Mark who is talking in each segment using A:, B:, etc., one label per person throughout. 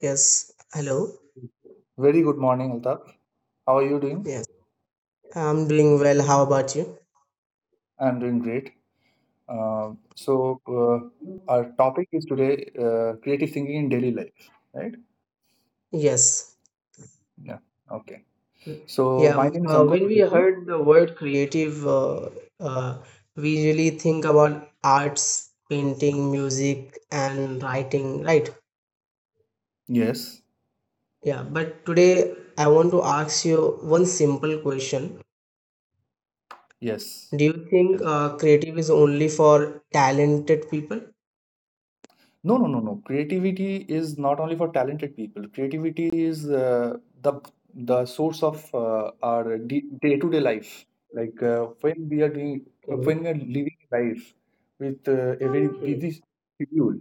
A: Yes. Hello.
B: Very good morning, Altaf. How are you doing?
A: Yes. I'm doing well. How about you?
B: I'm doing great. Our topic is today creative thinking in daily life, right?
A: Yes.
B: Yeah. Okay. So
A: Yeah.
B: my name is Ankur
A: When we
B: Mukherjee.
A: heard the word creative, uh, we usually think about arts, painting, music, and writing, right?
B: Yes.
A: Yeah. But today, I want to ask you one simple question.
B: Yes.
A: Do you think creative is only for talented people?
B: No, no, no, no. Creativity is not only for talented people. Creativity is the source of our day to day life. Like when we are doing,
A: Okay.
B: when we are living life with a very
A: Hmm.
B: busy schedule,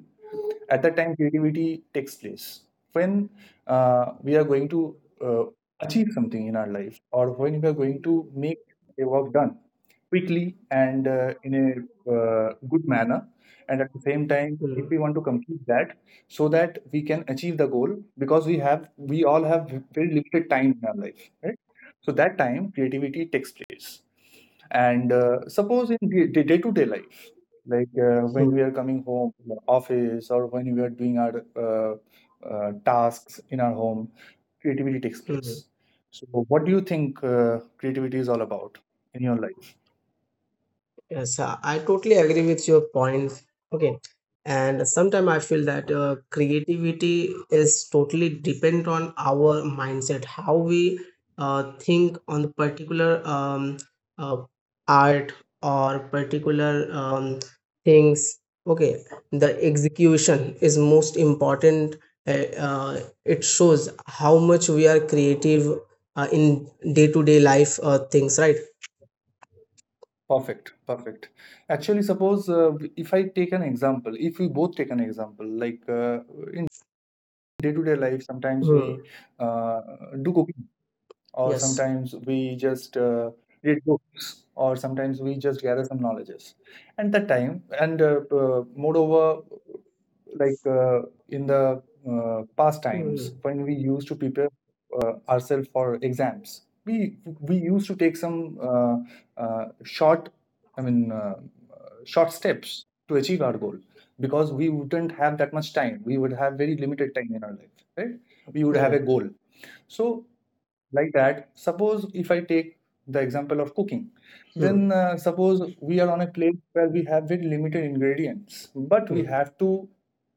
B: at that time creativity takes place. When we are going to uh, achieve something in our life, or when we are going to make a work done quickly and in a good manner, and at the same time if we
A: Hmm.
B: want to complete that so that we can achieve the goal, because we have we all have very limited time in our life, right? So that time creativity takes place. And suppose in the day to day life, like when we
A: Hmm.
B: are coming home from the office, or when we are doing our tasks in our home, creativity takes
A: Hmm.
B: place. So what do you think creativity is all about in your life?
A: Yes, I totally agree with your points. Okay, and sometimes I feel that creativity is totally depend on our mindset, how we think on the particular uh, art or particular things. Okay, the execution is most important. Uh, uh, it shows how much we are creative in day-to-day life things, right?
B: Perfect, perfect. Actually, suppose if I take an example, if we both take an example, like in day-to-day life, sometimes
A: Hmm.
B: we uh, do cooking, or
A: Yes.
B: sometimes we just read books, or sometimes we just gather some knowledges. And that time, and moreover, like in the past
A: Hmm.
B: times, when we used to prepare ourselves for exams, we used to take some short, I mean short steps to achieve our goal, because we wouldn't have that much time. We would have very limited time in our life, right? We would have a
A: Yeah.
B: goal. So like that, suppose if I take the example of cooking,
A: Hmm.
B: then suppose we are on a place where we have very limited ingredients, but we
A: Hmm.
B: have to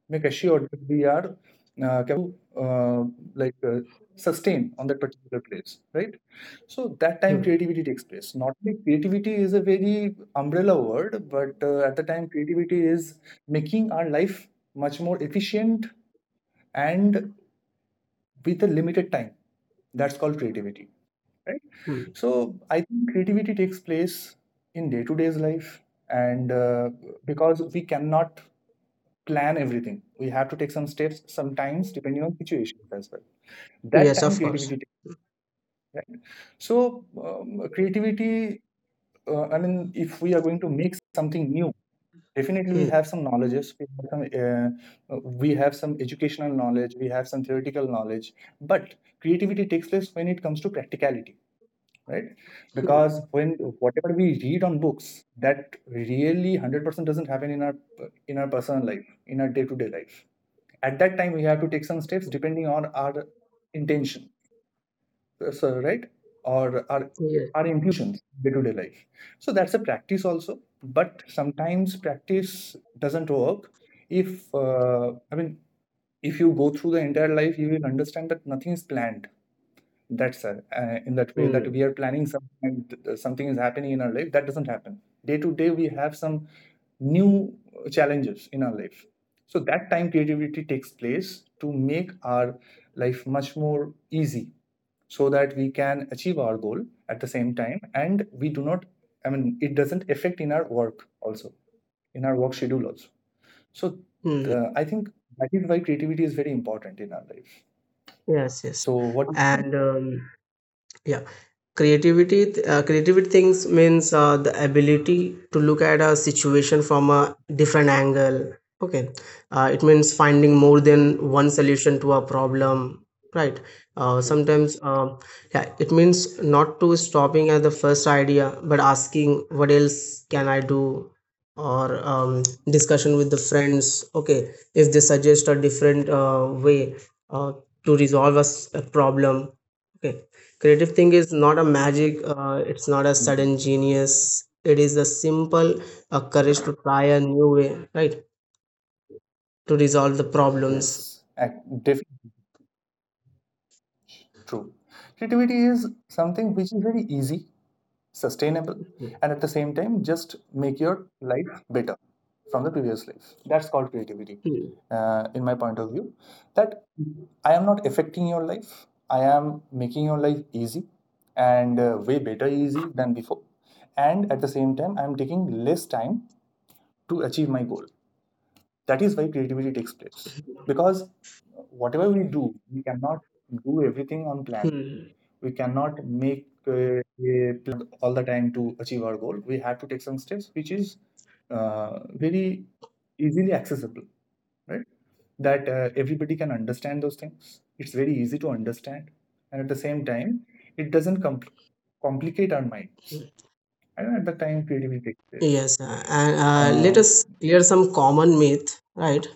B: make assured that we are to uh, like sustain on that particular place, right? So that time
A: Hmm.
B: creativity takes place. Not only creativity is a very umbrella word, but at the time creativity is making our life much more efficient and with a limited time. That's called creativity, right?
A: Hmm.
B: So I think creativity takes place in day to day's life, and because we cannot plan everything, we have to take some steps sometimes, depending on situations as well. That
A: Yes,
B: time
A: of course.
B: creativity takes. Right? So creativity, I mean, if we are going to make something new. Definitely we
A: Hmm.
B: have some knowledges. We have we have some educational knowledge. We have some theoretical knowledge. But creativity takes place when it comes to practicality, right?
A: Hmm.
B: Because when whatever we read on books, that really 100% doesn't happen in our personal life, in our day-to-day life. At that time we have to take some steps depending on our intention, so right, or our
A: Yes.
B: intuitions day-to-day life. So that's a practice also. But sometimes practice doesn't work, if I mean, if you go through the entire life, you will understand that nothing is planned. That's sad. In that way,
A: Hmm.
B: that we are planning something, and something is happening in our life that doesn't happen. Day to day, we have some new challenges in our life. So that time, creativity takes place to make our life much more easy, so that we can achieve our goal at the same time, and we do not. I mean, it doesn't affect in our work also, in our work schedule also. So
A: Hmm. hmm.
B: the, I think that is why creativity is very important in our life.
A: Yes. Yes.
B: So what do you think?
A: And yeah, creativity creativity things means the ability to look at a situation from a different angle. Okay, it means finding more than one solution to a problem, right?
B: True.
A: Sometimes yeah, it means not to stopping at the first idea but asking what else can I do, or discussion with the friends. Okay, if they suggest a different way uh, to resolve a problem. Okay, creative thing is not a magic, it's not a sudden genius, it is a simple a courage to try a new way, right, to resolve the problems.
B: Yes, definitely true. Creativity is something which is very easy, sustainable, and at the same time, just make your life better from the previous life. That's called creativity,
A: Hmm.
B: in my point of view. That I am not affecting your life, I am making your life easy and way better easy than before. And at the same time, I'm taking less time to achieve my goal. That is why creativity takes place, because whatever we do, we cannot do everything on plan.
A: Hmm.
B: We cannot make a all the time to achieve our goal. We have to take some steps which is uh, very easily accessible, right? That everybody can understand those things. It's very easy to understand, and at the same time it doesn't complicate our minds,
A: Hmm.
B: and at the time creativity takes place.
A: Yes, and let
B: um,
A: us clear some common myth, right?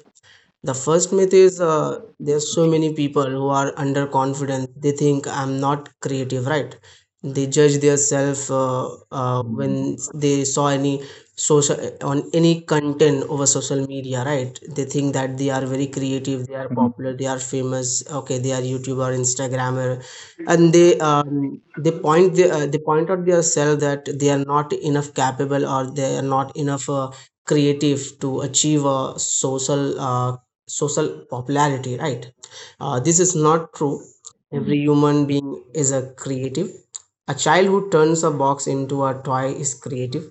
A: The first myth is, there's so
B: Sure.
A: many people who are underconfident. They think I'm not creative, right? They judge themselves when
B: Hmm.
A: they saw any social on any content over social media, right? They think that they are very creative, they are popular, they are famous. Okay, they are YouTuber, Instagrammer, and they point they point out themselves that they are not enough capable or they are not enough. Creative to achieve a social social popularity, right? This is not true.
B: Hmm.
A: Every human being is a creative. A child who turns a box into a toy is creative.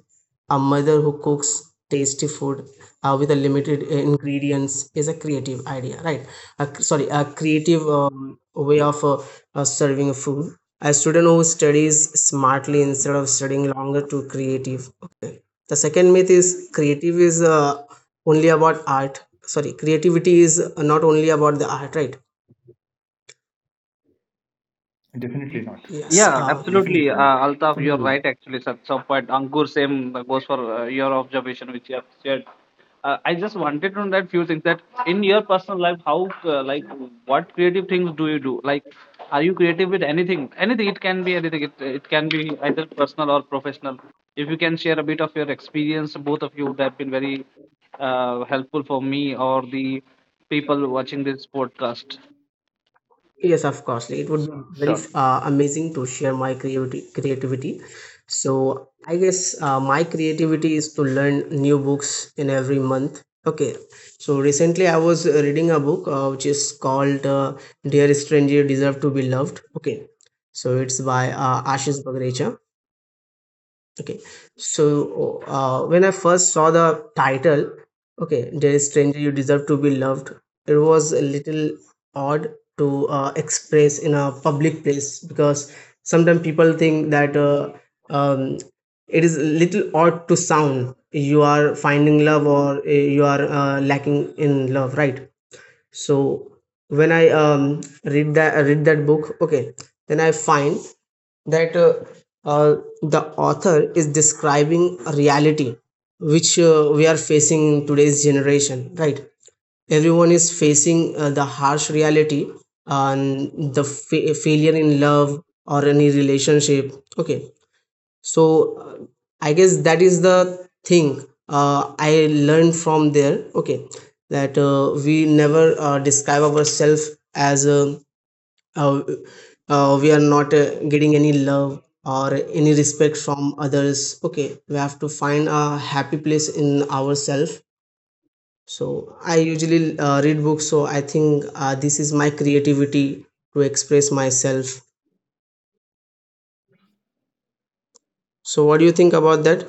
A: A mother who cooks tasty food with a limited ingredients is a creative idea, right? A, cr- sorry a creative way of serving food. A student who studies smartly instead of studying longer to creative. Okay, the second myth is creative is only about art. Sorry, creativity is not only about the art, right?
B: Definitely not.
A: Yes,
C: Yeah, absolutely,
B: Definitely not.
C: Altaf, you're
A: mhm.
C: right. Actually, at some point, Ankur, same goes for your observation which you have shared. I just wanted to know that few things that in your personal life, how like what creative things do you do? Like, are you creative with anything? Anything it can be anything. It can be either personal or professional. If you can share a bit of your experience, both of you, that been very helpful for me or the people watching this podcast.
A: Yes, of course, it would be very
B: Sure.
A: amazing to share my creativity creativity. So I guess my creativity is to learn new books in every month. Okay, so recently I was reading a book, which is called, Dear Stranger, You Deserve To Be Loved. Okay, so it's by Ashish Bagrecha. Okay, so when I first saw the title, okay, Dear Stranger, You Deserve To Be Loved, it was a little odd to express in a public place, because sometimes people think that um, it is a little odd to sound you are finding love, or you are lacking in love, right? So when I read that book, okay, then I find that uh, the author is describing a reality which we are facing in today's generation, right? Everyone is facing the harsh reality and the failure in love or any relationship. Okay, so I guess that is the thing I learned from there. Okay, that we never describe ourselves as uh, we are not getting any love or any respect from others. Okay, we have to find a happy place in ourselves. So I usually read books, so I think this is my creativity to express myself. So what do you think about that?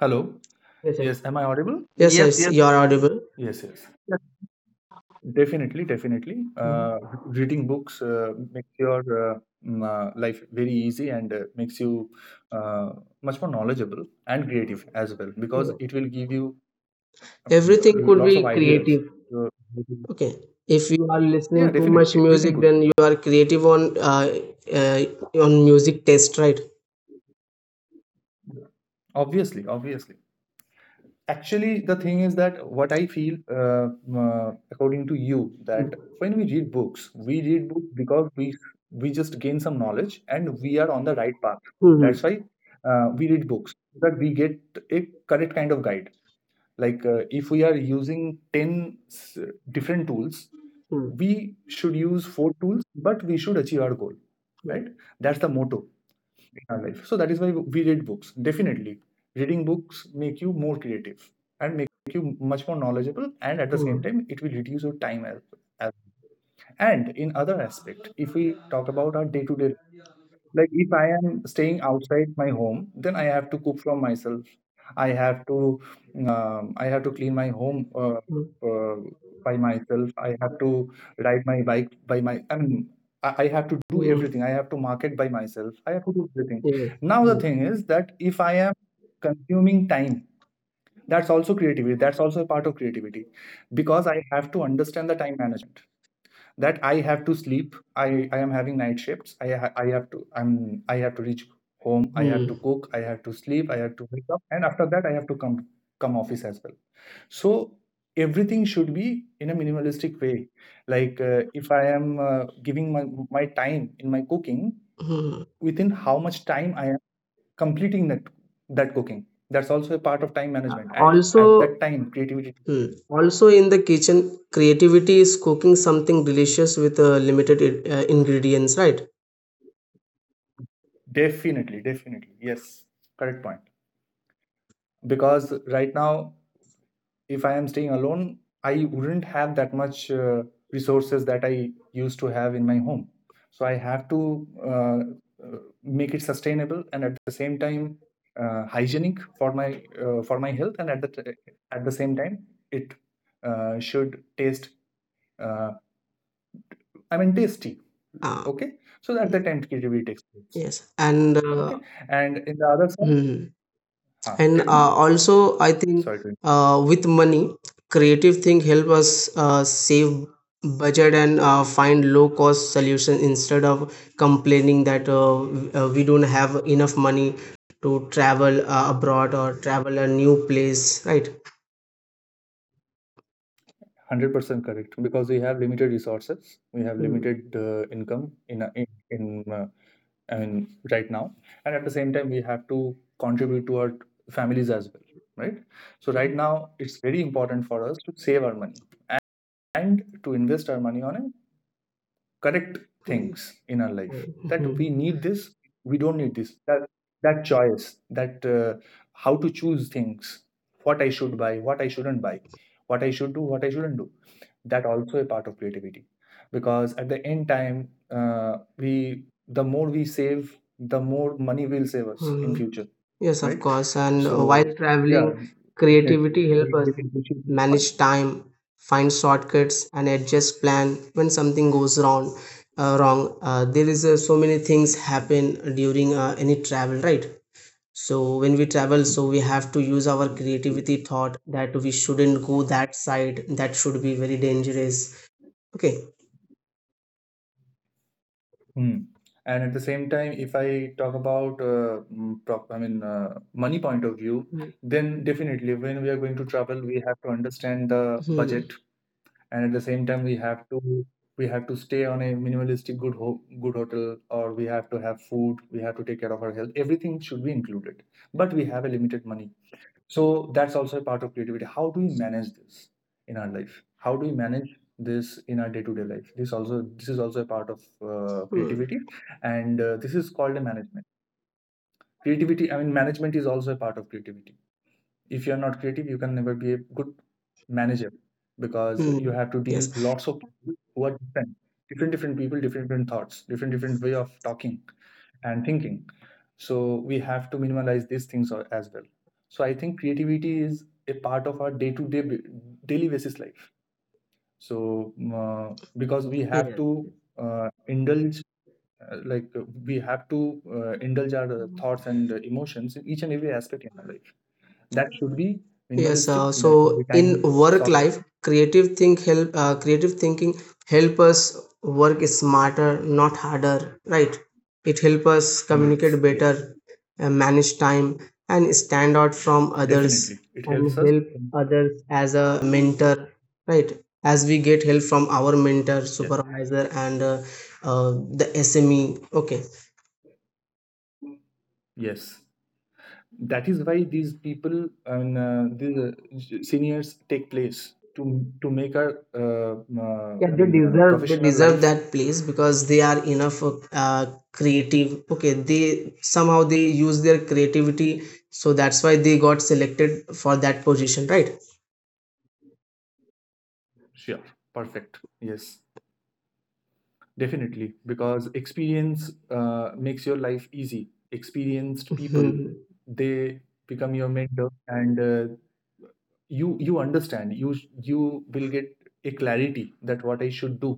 B: Hello.
A: Yes, yes,
B: Yes. Am I audible?
A: yes,
C: Yes,
A: sir,
C: yes,
A: you're audible.
B: Yes. Yes. Definitely. Definitely.
A: Mhm.
B: Reading books makes your life very easy, and makes you uh, much more knowledgeable and creative as well, because
A: Yeah.
B: it will give you
A: Everything could
B: lots
A: be
B: of ideas.
A: creative.
B: So,
A: Okay. If you are
B: yeah.
A: listening too much
B: Definitely. Everything
A: music,
B: good.
A: then you are creative uh, on music taste, right?
B: Obviously. Obviously. Actually the thing is that what I feel, according to you, that when we read books, we read books because we just gain some knowledge and we are on the right path.
A: Hmm.
B: That's why we read books, so that we get a correct kind of guide. Like if we are using 10 different tools,
A: Hmm.
B: we should use four tools, but we should achieve our goal, right? That's the motto our life. So that is why we read books. Definitely reading books make you more creative and make you much more knowledgeable, and at the same
A: Hmm.
B: time it will reduce your time as, as and in other aspect. If we talk about our day-to-day, like if I am staying outside my home, then I have to cook from myself. I have to I have to clean my home
A: Hmm.
B: uh, by myself. I have to ride my bike by my, I mean, I have to do
A: Hmm.
B: everything. I have to market by myself. I have to do everything.
A: Yes.
B: Now the
A: Hmm.
B: thing is that if I am consuming time, that's also creativity. That's also a part of creativity, because I have to understand the time management, that I have to sleep. I am having night shifts. I have to, I'm, I have to reach home. I have to
A: Hmm.
B: cook. I have to sleep. I have to wake up, and after that I have to come office as well. So everything should be in a minimalistic way. Like if I am giving my time in my cooking,
A: Hmm.
B: within how much time I am completing that cooking. That's also a part of time
A: Uh,
B: management. And at that
A: Also,
B: time, creativity.
A: hmm. Also, in the kitchen, creativity is cooking something delicious with limited ingredients, right?
B: Definitely, definitely, yes, correct point, because right now if I am staying alone, I wouldn't have that much resources that I used to have in my home. So I have to uh, make it sustainable, and at the same time hygienic for my health, and at the at the same time it should taste. Uh, I mean tasty.
A: Ah.
B: Okay, so that the
A: Hmm.
B: tentativity takes place.
A: Yes. And
B: Okay, and in the other side,
A: hmm.
B: huh,
A: and
B: tell me.
A: also I think
B: Sorry to
A: with money creative thing help us save budget and find low cost solution instead of complaining that we don't have enough money to travel abroad or travel a new place, right?
B: 100% correct, because we have limited resources, we have
A: Mm,
B: limited income in, in I mean right now, and at the same time we have to contribute to our families as well, right? So right now it's very important for us to save our money and to invest our money on a correct
A: mm,
B: things in our life, that we
A: mm,
B: need this, we don't need this, that choice, that how to choose things, what I should buy, what I shouldn't buy, what I should do, what I shouldn't do. That also a part of creativity, because at the end time we, the more we save, the more money will save us in
A: mm.
B: future,
A: Yes, of
B: right?
A: course. And
B: So
A: while
B: yeah,
A: traveling
B: definitely
A: creativity
B: I
A: help us
B: get appreciate this
A: manage time, find shortcuts, and adjust plan when something goes wrong. There is so many things happen during any travel, right? So when we travel, so we have to use our
B: part.
A: creativity thought that we shouldn't go that side. That should be very dangerous. Okay.
B: Hmm. And at the same time, if I talk about, prop, I mean, money point of view,
A: Hmm.
B: then definitely when we are going to travel, we have to understand the
A: Hmm.
B: budget, and at the same time, we have to, we have to stay on a minimalistic good ho good hotel, or we have to have food, we have to take care of our health. Everything should be included, but we have a limited money. So that's also a part of creativity. How do we manage this in our life? How do we manage this in our day-to-day life? This is also a part of
A: Hmm.
B: creativity, and this is called a management. Creativity. I mean, management is also a part of creativity. If you're not creative, you can never be a good manager, because you
A: Hmm.
B: have to deal
A: Yes.
B: lots of people who are different, different, different people, different, different thoughts, different, different way of talking and thinking. So we have to minimize these things as well. So I think creativity is a part of our day-to-day daily basis life. So uh, because we have to
A: Yes.
B: indulge, we have to indulge our thoughts and emotions in each and every aspect in our life. That should be
A: Yes,
B: minimalistic. That should be
A: so in
B: time
A: work
B: solving.
A: life, creative thinking help us work smarter, not harder, right? It help us
B: Yes,
A: communicate
B: yeah,
A: better, manage time, and stand out from others,
B: definitely. It helps
A: and
B: us.
A: help others as a mentor, right? As we get help from our mentor,
B: Yes,
A: supervisor, and the SME. Okay,
B: yes. That is why these people and the seniors take place to make our
A: Yeah, they deserve they
B: professional
A: deserve
B: life
A: that place because they are enough uh, creative. Okay, they somehow they use their creativity, so that's why they got selected for that position, right?
B: sure perfect, yes, definitely, because experience makes your life easy. Experienced people,
A: Mhm.
B: they become your mentor, and you understand, you will get a clarity that what I should do.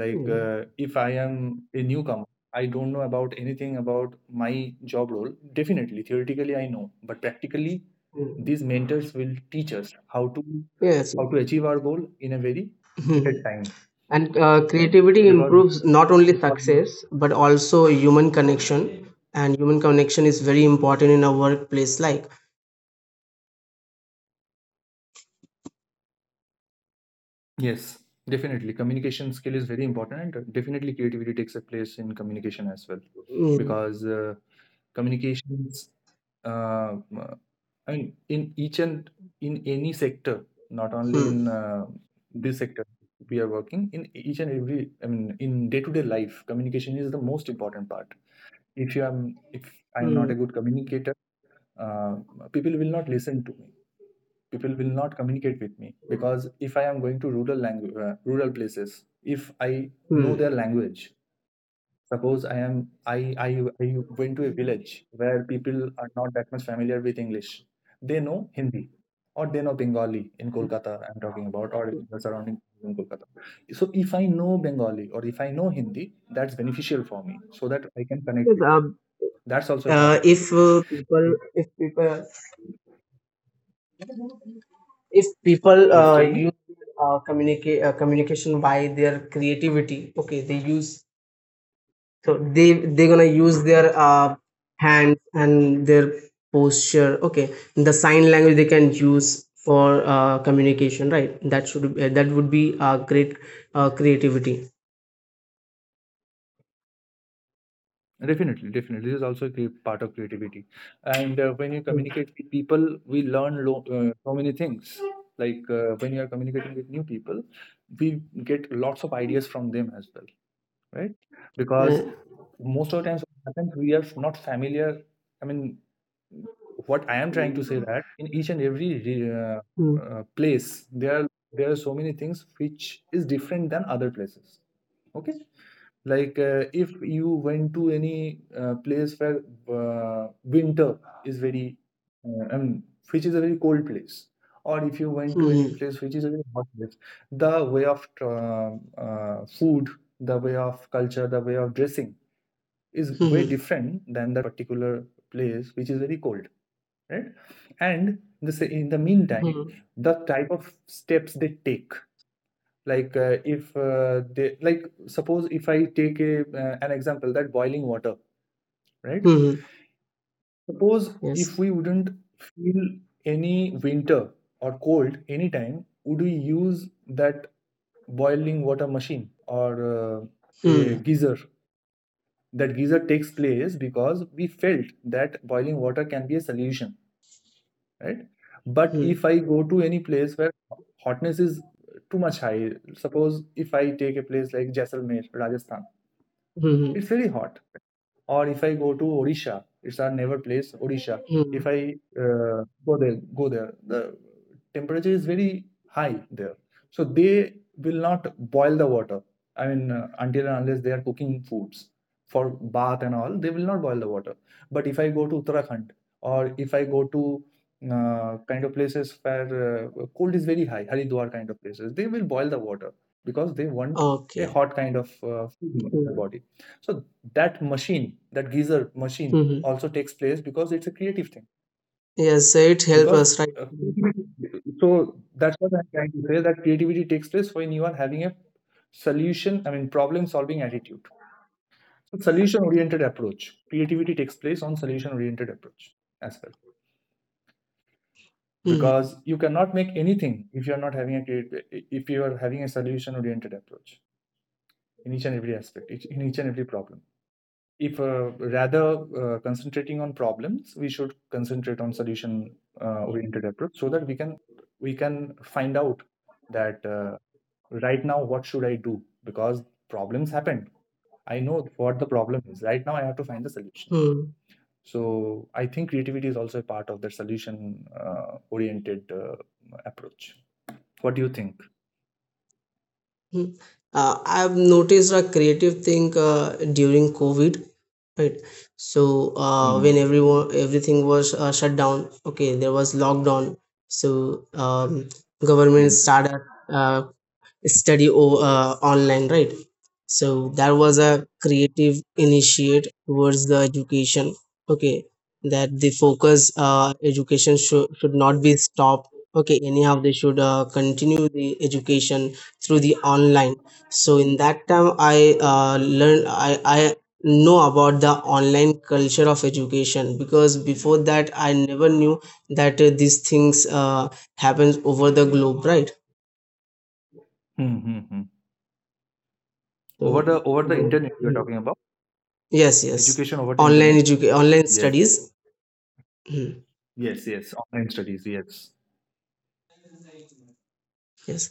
B: Like,
A: Mhm.
B: if I am a newcomer, I don't know about anything about my job role. Definitely, theoretically, I know, but practically, these
A: Mhm.
B: mentors will teach us how to
A: Yes.
B: how to achieve our goal in a very limited
A: Mhm.
B: time,
A: And
B: right?
A: creativity
B: Because
A: improves not only success but also human connection, and human connection is very important in a workplace. Like,
B: yes, definitely, communication skill is very important, and definitely, creativity takes a place in communication as well,
A: mm,
B: because communications uh, uh, I mean in each and in any sector, not only in
A: mm,
B: this sector we are working, in each and every, I mean, in day to day life, communication is the most important part. If you am if I am not
A: mm,
B: a good communicator, uh, people will not listen to me, people will not communicate with me, because if I am going to rural language, rural places, if I know their language. Suppose I am, I I I went to a village where people are not that much familiar with English. They know Hindi, or they know Bengali in
A: mm.
B: Kolkata, I'm talking about, or in the surrounding in Kolkata. So if I know Bengali or if I know Hindi, that's beneficial for me so that I can connect
A: Yes,
B: with them. That's also a part
A: uh,
B: of
A: if
B: creativity.
A: uh, people, if people if people
B: Yes, tell me.
A: use communicate communication by their creativity. Okay, they use, so they're gonna use their hands and their posture. Okay, the sign language they can use for communication, right? That should, that would be great creativity.
B: Definitely, definitely. This is also a part of creativity. And when you
A: Hmm.
B: communicate with people, we learn so many things. Like, when you are communicating with new people, we get lots of ideas from them as well, right?
A: Uh,
B: Because most of the times, what happens, we are not familiar. I mean, what I am trying to say, that in each and every
A: Mm.
B: place, there are so many things which is different than other places. Okay, like, if you went to any place where winter is very, I mean, which is a very cold place, or if you went to any
A: Hmm.
B: place which is a very hot place, the way of food, the way of culture, the way of dressing is
A: Hmm.
B: way
A: Hmm.
B: different than that particular place which is very cold, right? And the, in the meantime,
A: Hmm.
B: the type of steps they take, like, if they like suppose if I take a an example that boiling water, right?
A: Hmm.
B: Suppose
A: Yes.
B: if we wouldn't feel any winter or cold anytime, would we use that boiling water machine or
A: Hmm.
B: a geyser? That geyser takes place because we felt that boiling water can be a solution, right? But
A: Hmm.
B: if I go to any place where hotness is too much high, suppose if I take a place like Jaisalmer, Rajasthan,
A: Hmm.
B: it's very hot. Or if I go to Odisha, it's our never place, Odisha.
A: Hmm.
B: If I go there, the temperature is very high there. So they will not boil the water. I mean, until and unless they are cooking foods for bath and all, they will not boil the water. But if I go to Uttarakhand, or if I go to kind of places where cold is very high, Haridwar kind of places, they will boil the water because they want a
A: Okay.
B: hot kind of food in their body. So that machine, that geyser machine,
A: Mhm.
B: also takes place because it's a creative thing.
A: Yes, it helps
B: Because
A: us, right?
B: uh, creativity- so that's what I'm trying to say, that creativity takes place when you are having a solution. I mean, problem solving attitude. So solution oriented approach. Creativity takes place on solution oriented approach as well,
A: Mm-hmm.
B: because you cannot make anything if you are not having a if you are having a solution oriented approach in each and every aspect, in each and every problem. If rather concentrating on problems, we should concentrate on solution oriented approach, so that we can find out that right now what should I do, because problems happened. I know what the problem is. Right now, I have to find the solution.
A: hmm.
B: So I think creativity is also a part of the solution oriented approach. What do you think?
A: I've noticed a creative thing during COVID, right? So when
B: Mm,
A: everyone everything was shut down, okay, there was lockdown. So
B: yeah.
A: government started uh, online, right? So that was a creative initiate towards the education. Okay, that the focus, education should not be stopped. Okay, anyhow they should continue the education through the online. So in that time I learned I know about the online culture of education, because before that I never knew that these things happens over the globe, right?
B: Mm-hmm.
A: So,
B: Over the
A: no,
B: internet, you are
A: mm.
B: talking about
A: Yes, yes.
B: education over the
A: Online
B: internet.
A: education, online
B: Yes.
A: studies. Mm.
B: Yes, yes, online studies. Yes,
A: Yes.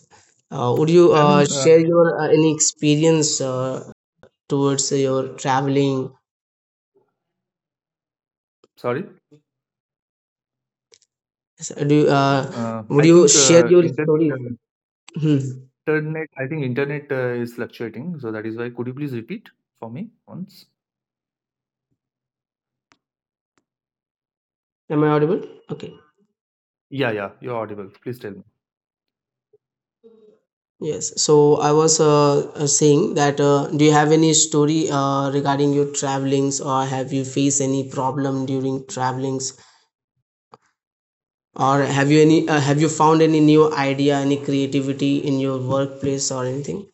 A: Would you
B: I mean,
A: share your any experience towards your traveling?
B: sorry.
A: Yes, would
B: I
A: you
B: think
A: share your
B: internet,
A: stories? Hmm.
B: internet. I think internet is fluctuating, so that is why. Could you please repeat for me once?
A: Am I audible? Okay.
B: Yeah, yeah, you're audible. Please tell me.
A: Yes. So I was saying that do you have any story regarding your travelings, or have you faced any problem during travelings? Or have you any, have you found any new idea, any creativity in your workplace or anything?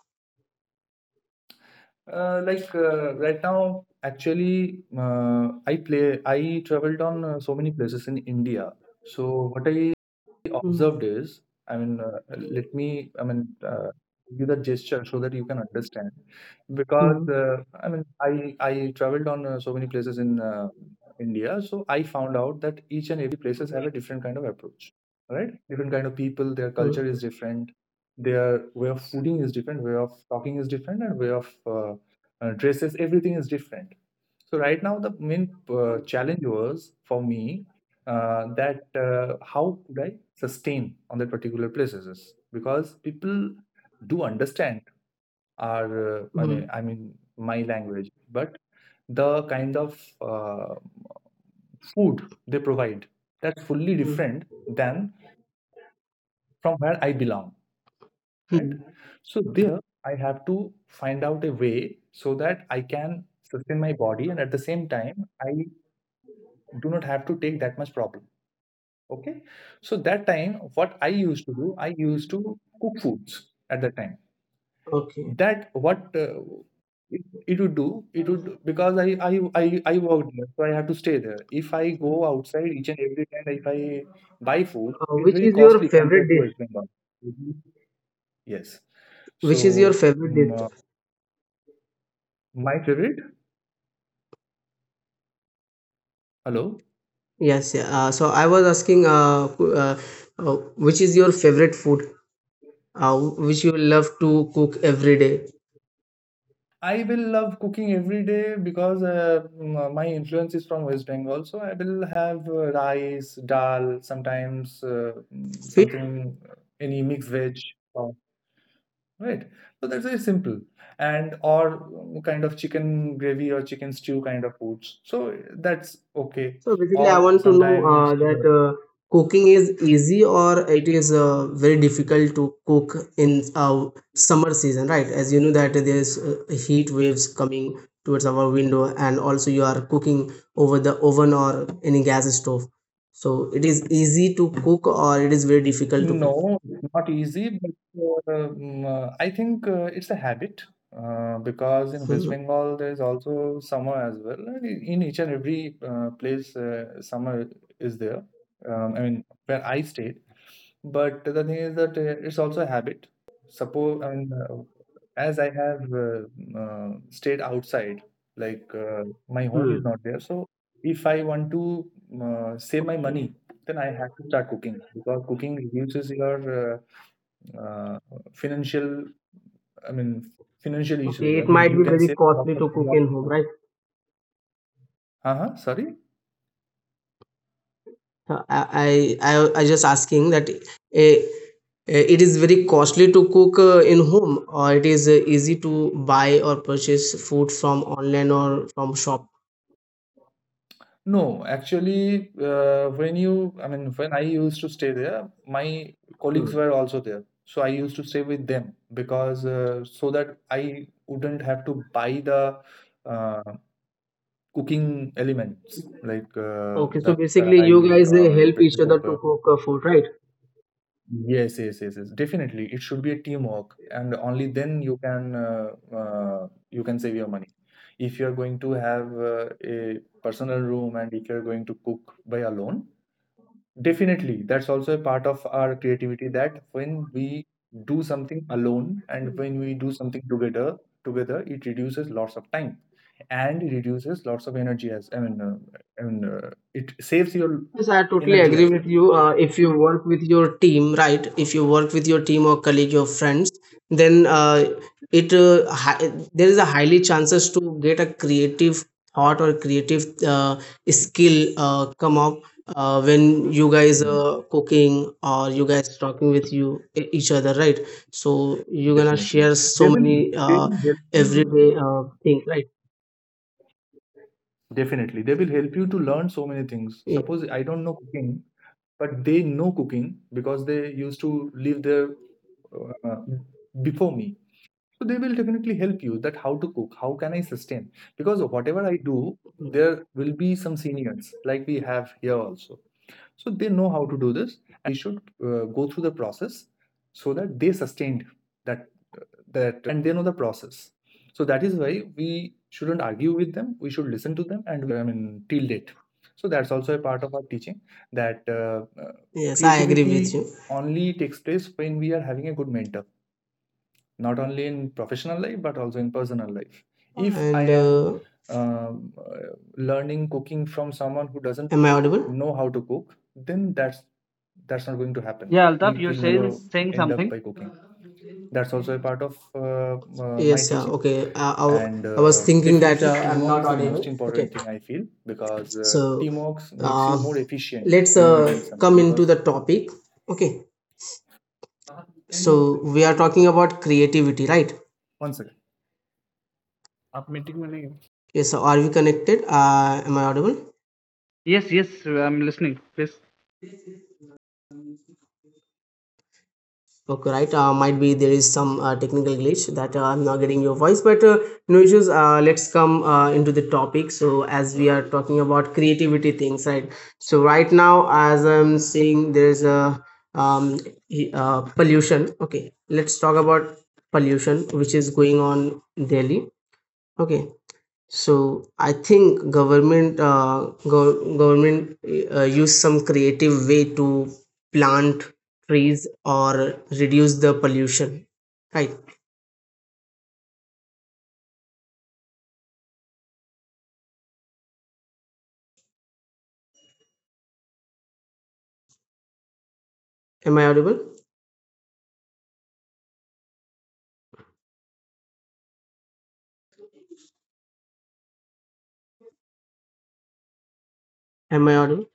B: Right now, actually, I play. I traveled on so many places in India. So what I
A: Hmm.
B: observed is, I mean, let me, I mean, give the gesture so that you can understand.
A: Hmm.
B: Because I mean, I traveled on so many places in India. So I found out that each and every places have a different kind of approach, right? Different kind of people. Their culture
A: Hmm.
B: is different. Their way of fooding is different. Way of talking is different, and way of dresses, everything is different. So right now, the main challenge was for me that how could I sustain on that particular places, because people do understand our,
A: Hmm.
B: I mean, my language, but the kind of food they provide, that's fully
A: Hmm.
B: different than from where I belong, right?
A: mm.
B: So there, I have to find out a way so that I can sustain my body, and at the same time, I do not have to take that much problem. Okay, so that time, what I used to do, I used to cook foods at that time.
A: Okay.
B: That what it, it would do, it would, because I worked there, so I have to stay there. If I
A: Hmm.
B: go outside each and every time, if I buy food, it's
A: Which
B: very
A: is your
B: costly
A: favorite
B: compared to
A: dish?
B: West Bengal. Mhm. Yes.
A: Which is your
B: So
A: favorite
B: mm,
A: dish?
B: my favorite? Hello.
A: Yes. Yeah. So I was asking, uh, which is your favorite food? Which you love to cook every day?
B: I will love cooking every day, because my influence is from West Bengal. So I will have rice, dal, sometimes
A: Fish.
B: something, any mixed veg. Or right. So that's very simple. And or mm, kind of chicken gravy or chicken stew kind of foods. So that's okay.
A: So basically, I
B: Or
A: want to know
B: sometimes
A: that cooking is easy or it is very difficult to cook in summer season, right? As you know that there's heat waves coming towards our window, and also you are cooking over the oven or any gas stove. So it is easy to cook or it is very difficult to cook.
B: no, it's not easy, but I think it's a habit, because in West
A: Mhm.
B: Bengal there is also summer as well. And in each and every place, summer is there. I mean, where I stayed. But the thing is that it's also a habit. Suppose, I mean, as I have stayed outside, like, my home
A: Hmm.
B: is not there, so if I want to save my
A: Okay.
B: money, then I had to start cooking, because cooking reduces your uh, financial, I mean, financial issues.
A: Okay,
B: I
A: it
B: mean,
A: might
B: you
A: be
B: can
A: very
B: save
A: costly to cook
B: lots
A: in
B: of
A: home,
B: money.
A: right?
B: Uh-huh, sorry.
A: I I just asking that it is very costly to cook in home, or it is easy to buy or purchase food from online or from shop.
B: No, actually, when you, I mean, when I used to stay there, my colleagues
A: Hmm.
B: were also there. So I used to stay with them because so that I wouldn't have to buy the uh, cooking elements like
A: Okay, so
B: the
A: basically you
B: kadai
A: guys
B: or
A: help each
B: pressure
A: other to
B: cooker.
A: cook food, right?
B: Yes, yes, yes, yes. Definitely, it should be a teamwork, and only then you can save your money. If you are going to have a personal room, and if you are going to cook by alone, definitely that's also a part of our creativity. That when we do something alone and when we do something together, together it reduces lots of time and reduces lots of energy as, I mean it saves your
A: Yes, I totally
B: energy
A: agree
B: as well.
A: with you. If you work with your team, right? If you work with your team or colleague or friends, then it there is a highly chances to get a creative thought or creative uh, skill come up when you guys
B: Hmm.
A: are cooking or you guys talking with you each other, right? So you're gonna
B: Definitely.
A: share
B: They
A: so
B: will
A: many
B: they will help you.
A: everyday things, right?
B: Definitely. They will help you to learn so many things.
A: Yeah.
B: Suppose I don't know cooking, but they know cooking because they used to live there uh, before me. So they will definitely help you that how to cook, how can I sustain? Because whatever I do, there will be some seniors, like we have here also. So they know how to do this, and we should go through the process so that they sustained that uh, that and they know the process. So that is why we shouldn't argue with them. We should listen to them, and I mean till date. So that's also a part of our teaching, that
A: Yes, I agree with
B: creativity
A: you.
B: only takes place when we are having a good mentor, not only in professional life but also in personal life. If I
A: And
B: am learning cooking from someone who
A: am
B: doesn't
A: I audible?
B: know how to cook, then that's not going to happen.
C: yeah,
B: We
C: Altaf, you're
B: will never
C: saying
B: end up
C: something.
B: by cooking. That's also a part of my
A: Yes, yeah,
B: teaching.
A: okay.
B: And
A: I was thinking that
B: definitely
A: I'm
B: teamwork
A: not
B: is the most
A: audible. Okay,
B: important thing, I feel, because
A: so
B: teamwork makes
A: uh,
B: you more efficient
A: let's
B: when you are doing something.
A: come into
B: Because
A: the topic. Okay, so we are talking
B: okay,
A: about creativity, right?
B: one second.
A: Yes, so are we connected? Am I audible?
C: Yes, yes, I'm listening. Please.
A: Okay, right. Might be there is some technical glitch that I'm not getting your voice, but no issues. Let's come into the topic. So, as we are talking about creativity things, right? So, right now, as I'm seeing, there's a um, pollution. Okay, let's talk about pollution, which is going on daily. Okay, so I think government use some creative way to plant trees or reduce the pollution, right? Am I audible? Am I audible?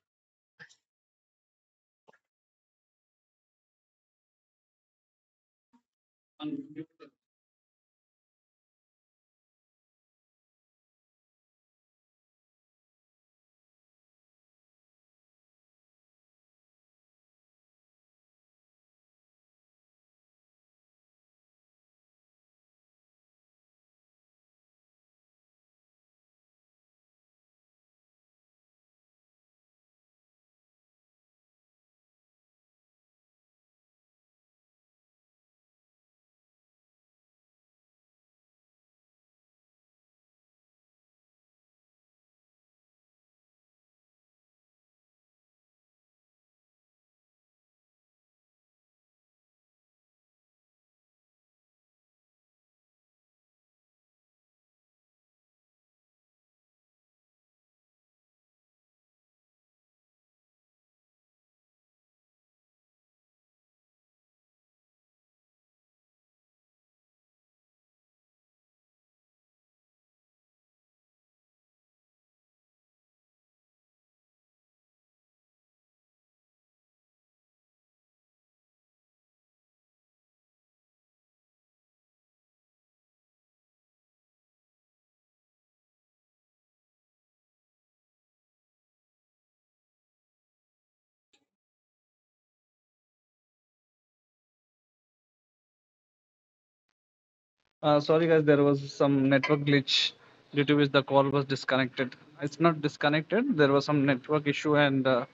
C: Sorry, guys, there was some network glitch due to which the call was disconnected. It's not disconnected. There was some network issue and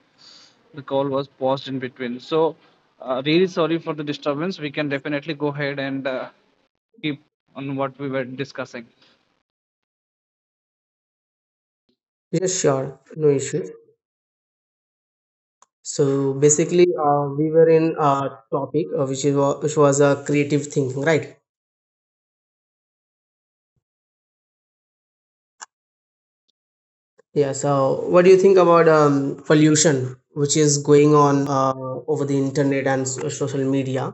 C: the call was paused in between. So, really sorry for the disturbance. We can definitely go ahead and keep on what we were discussing.
A: Yes, sure. No issues. So basically, we were in a topic which was creative thinking, right? Yeah. So what do you think about pollution, which is going on over the internet and social media?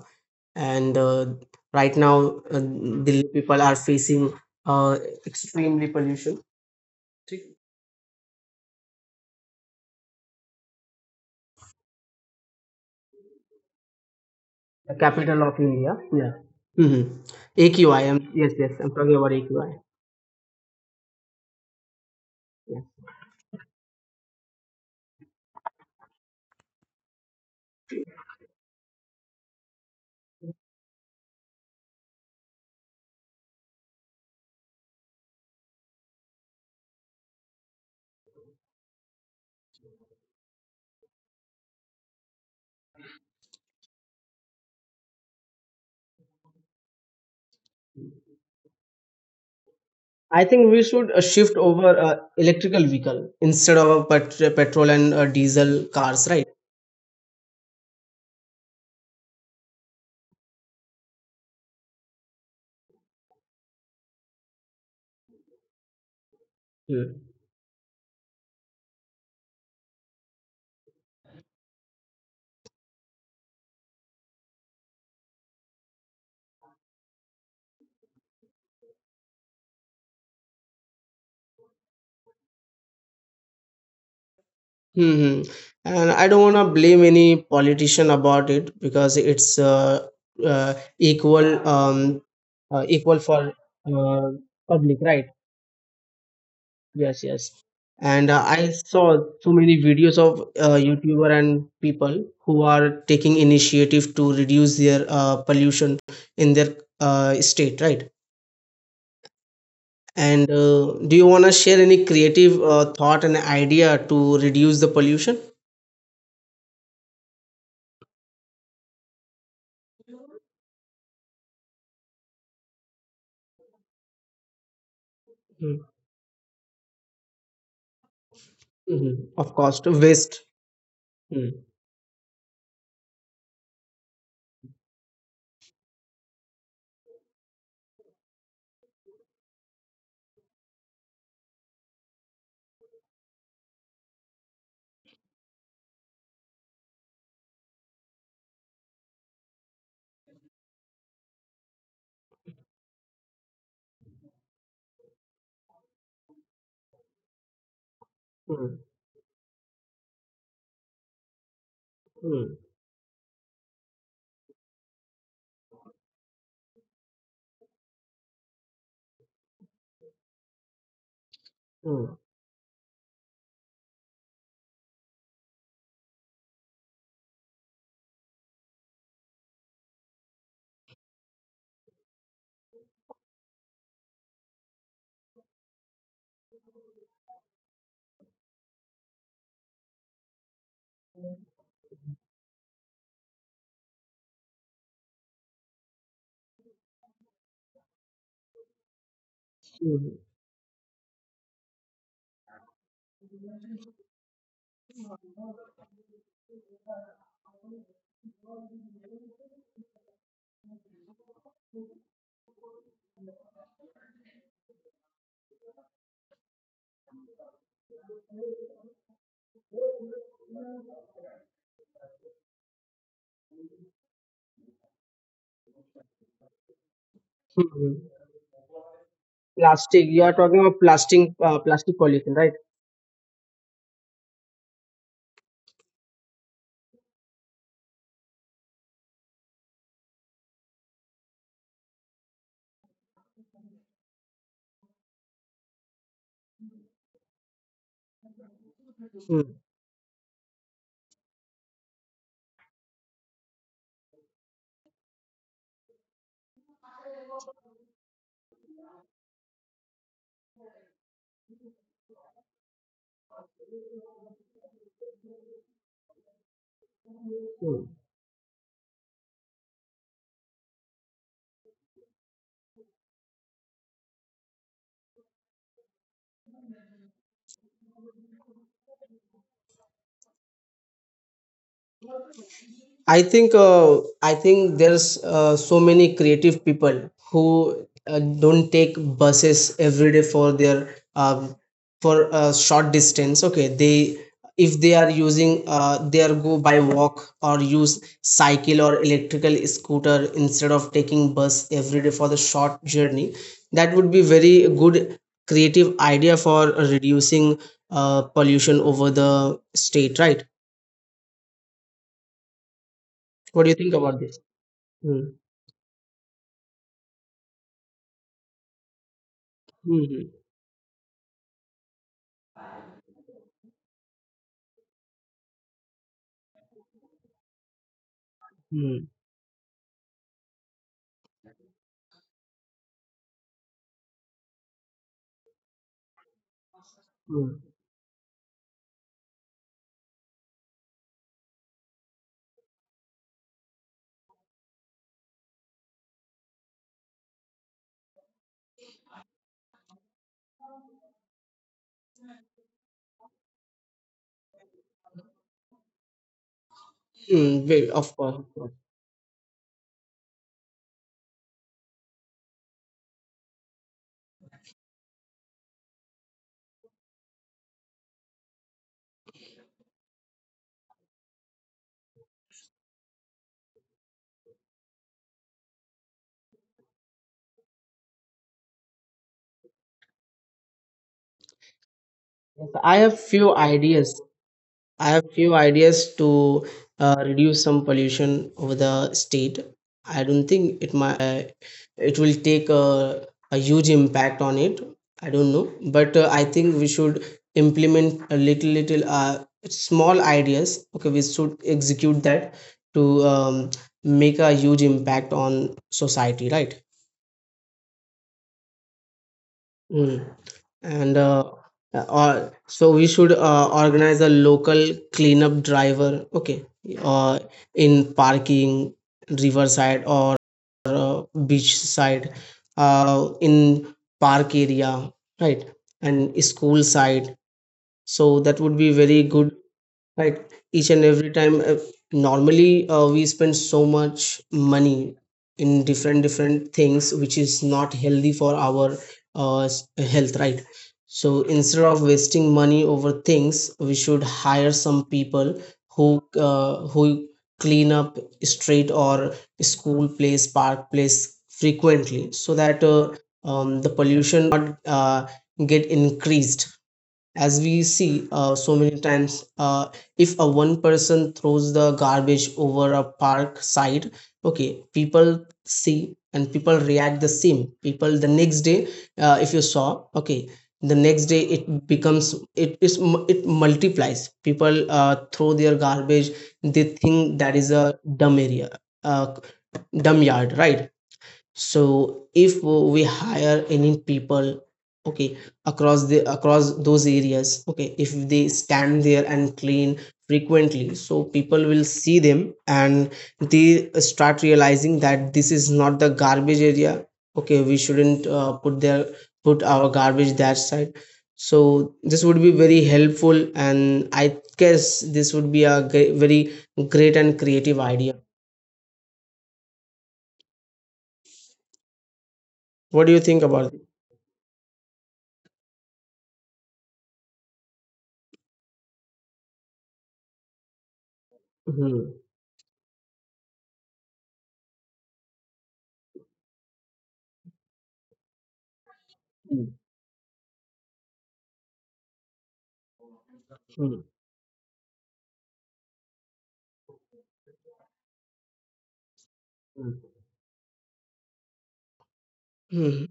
A: And right now, Delhi people are facing uh, extremely pollution. The capital of India. Yeah. Mm-hmm. AQI. Am Yes, yes. I'm talking about AQI. I think we should shift over electrical vehicle instead of a petrol and diesel cars, right? Mm-hmm. And I don't want to blame any politician about it because it's equal, equal for uh, public, right? Yes, yes. And I saw so many videos of YouTuber and people who are taking initiative to reduce their pollution in their state, right? And do you want to share any creative thought and idea to reduce the pollution? Mm, mhm. Of course, to waste. Mm, mm, mm, mm, mm, mm. Plastic. You are talking about plastic, plastic pollution, right? Mm, mm. I think there's so many creative people who don't take buses every day for their for a short distance. Okay, they if they are using they are go by walk or use cycle or electrical scooter instead of taking bus every day for the short journey. That would be very good creative idea for reducing pollution over the state, right? What do you think about this? Hmm. Mm, mm, mm, very, of course, of course. Yes, I have few ideas. I have few ideas to reduce some pollution over the state. I don't think it might, it will take a huge impact on it. I don't know, but I think we should implement a little, little, small ideas. Okay, we should execute that to make a huge impact on society, right? Mm. And or so we should organize a local cleanup driver, okay, uh, in parking, riverside or beach side, in park area, right, and school side. So that would be very good, right? Each and every time, normally we spend so much money in different different things which is not healthy for our uh, s- health, right? So instead of wasting money over things we should hire some people who who clean up street or school place, park place frequently, so that the pollution not get increased. As we see so many times, if a one person throws the garbage over a park side, okay, people see and people react the same. People the next day, if you saw, okay, the next day it becomes, it multiplies. People throw their garbage. They think that is a dumb area, uh, dumb yard, right? So if we hire any people, okay, across the across those areas, okay, if they stand there and clean frequently, so people will see them and they start realizing that this is not the garbage area. Okay, we shouldn't put our garbage that side. So this would be very helpful, and I guess this would be a very great and creative idea. What do you think about it? Mhm. Mhm.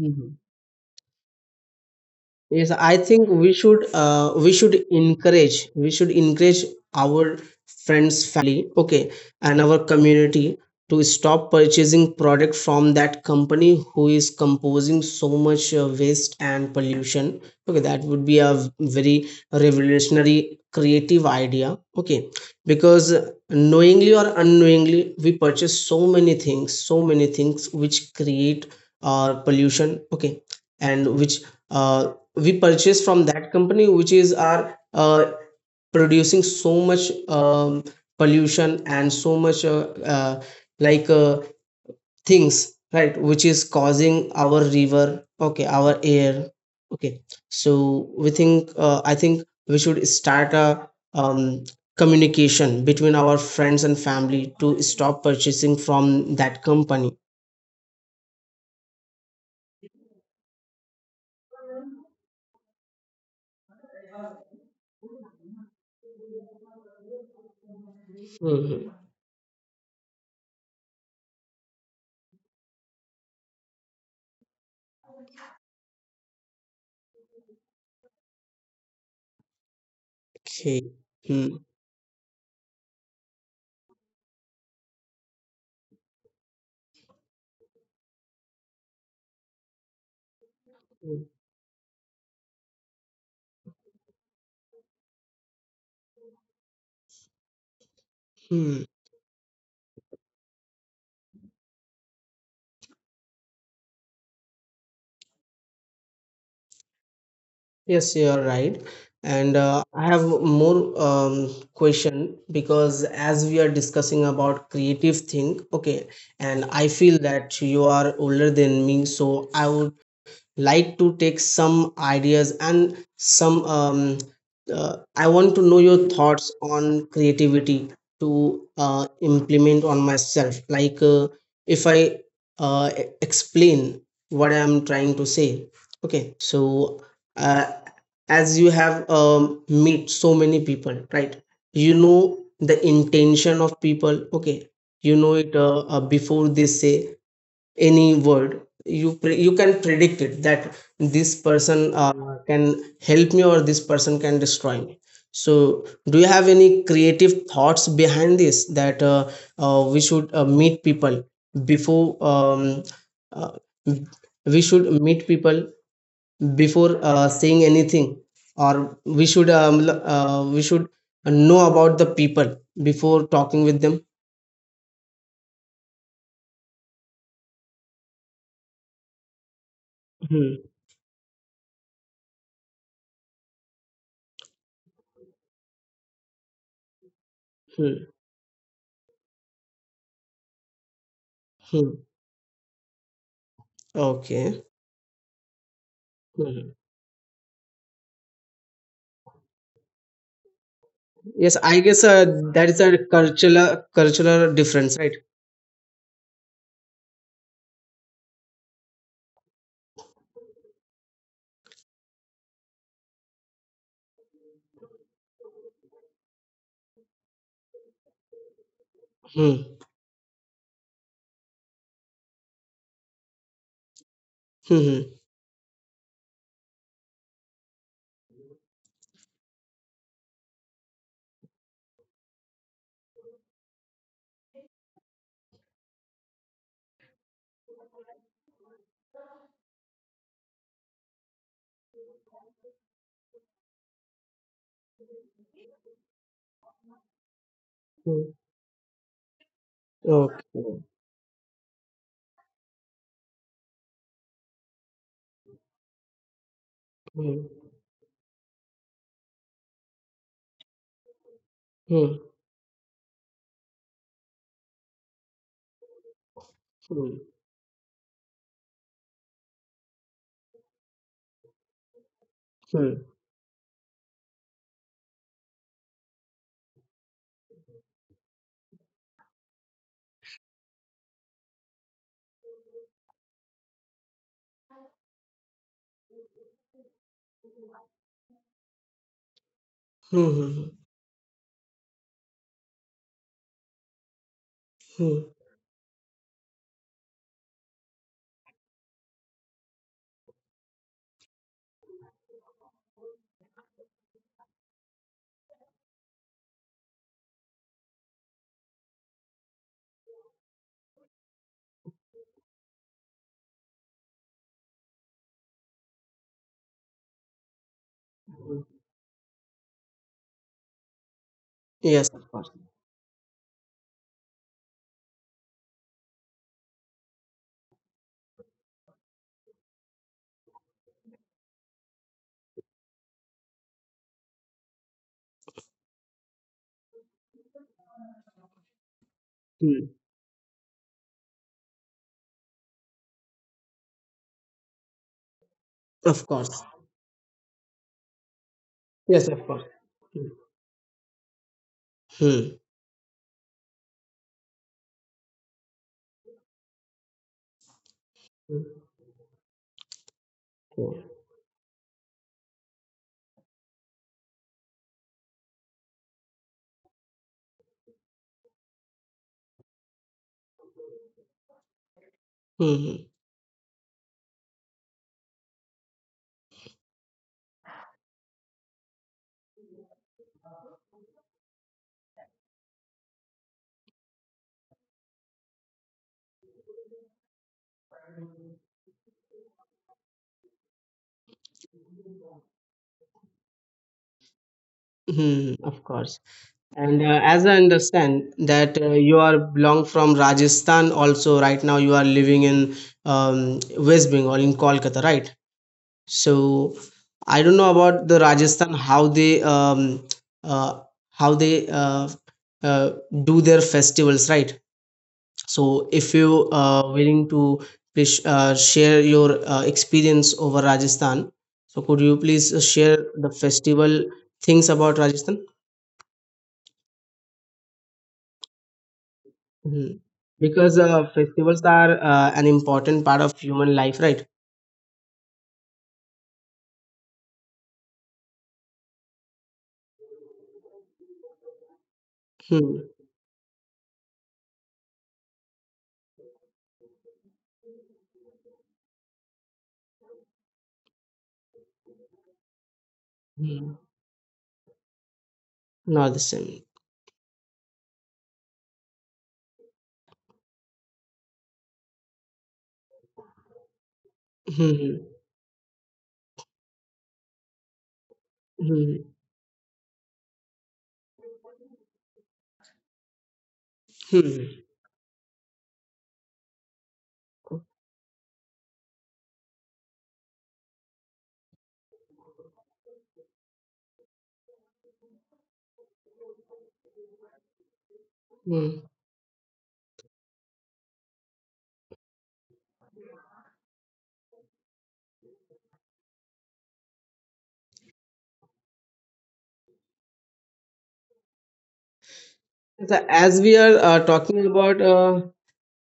A: Uh huh. Yes, I think we should encourage, we should encourage our friends, family, okay, and our community to stop purchasing product from that company who is composing so much waste and pollution. Okay, that would be a very revolutionary creative idea. Okay, because knowingly or unknowingly we purchase so many things which create our pollution. Okay, and which uh, we purchase from that company which is are producing so much pollution and so much uh, like uh, things, right, which is causing our river, okay, our air, okay. So we think I think we should start a um, communication between our friends and family to stop purchasing from that company. Hmm, okay. Hmm. Hmm. Yes, you are right. And I have more question, because as we are discussing about creative thing, okay, and I feel that you are older than me, so I would like to take some ideas and some I want to know your thoughts on creativity to implement on myself. Like if I explain what I am trying to say, okay. So uh, as you have meet so many people, right, you know the intention of people, okay, you know it before they say any word, you you can predict it that this person can help me or this person can destroy me. So do you have any creative thoughts behind this that we should meet people before uh, we should meet people before saying anything, or we should we should know about the people before talking with them? Hmm. Hmm. Hmm. Okay. Yes, I guess that is a cultural cultural difference, right? Hmm. Hmm. Hmm. Hmm. Okay. Hmm. Hmm. Hmm. Hmm. Hmm. Hmm. Hmm. Hmm. Yes, of course. Hmm. Of course. Yes, of course. Hmm. Hmm. Okay. Hmm. Hmm. Hmm. Of course. And as I understand that you are belong from Rajasthan, also right now you are living in West Bengal in Kolkata, right? So I don't know about the Rajasthan, how they uh, how they uh, uh, do their festivals, right? So if you willing to, please share your experience over Rajasthan. So could you please share the festival things about Rajasthan? Mhm. Because festivals are an important part of human life, right? Hmm. Hmm. Not the same. Hmm. Hmm. Hmm. Hmm. So as we are talking about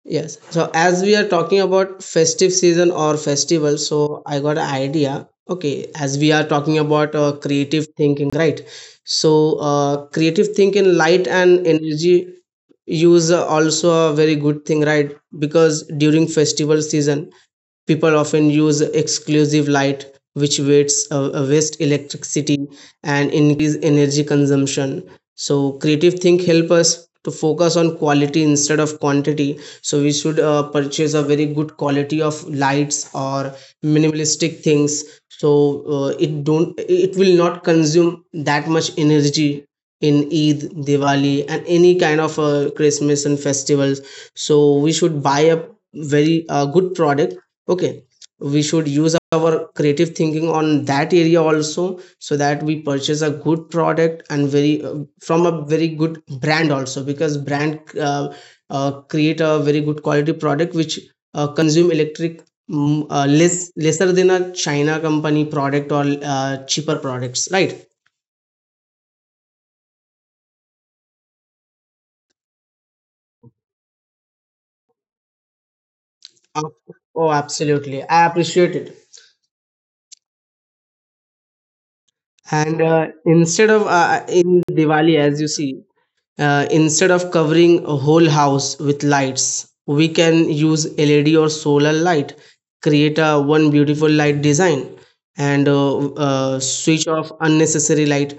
A: yes so as we are talking about festive season or festival, so I got an idea. Okay, as we are talking about creative thinking, right? So creative thinking, light and energy use are also a very good thing, right? Because during festival season people often use exclusive light, which wastes, waste electricity and increase energy consumption. So creative think help us to focus on quality instead of quantity. So we should purchase a very good quality of lights or minimalistic things, so it will not consume that much energy in Eid, Diwali, and any kind of Christmas and festivals. So we should buy a very good product, okay, we should use our creative thinking on that area also, so that we purchase a good product and very from a very good brand also, because brand create a very good quality product which consume electric mm, less lesser than a china company product or cheaper products, right? Uh, oh, absolutely, I appreciate it. And instead of in Diwali, as you see, instead of covering a whole house with lights, we can use LED or solar light, create a one beautiful light design, and switch off unnecessary light.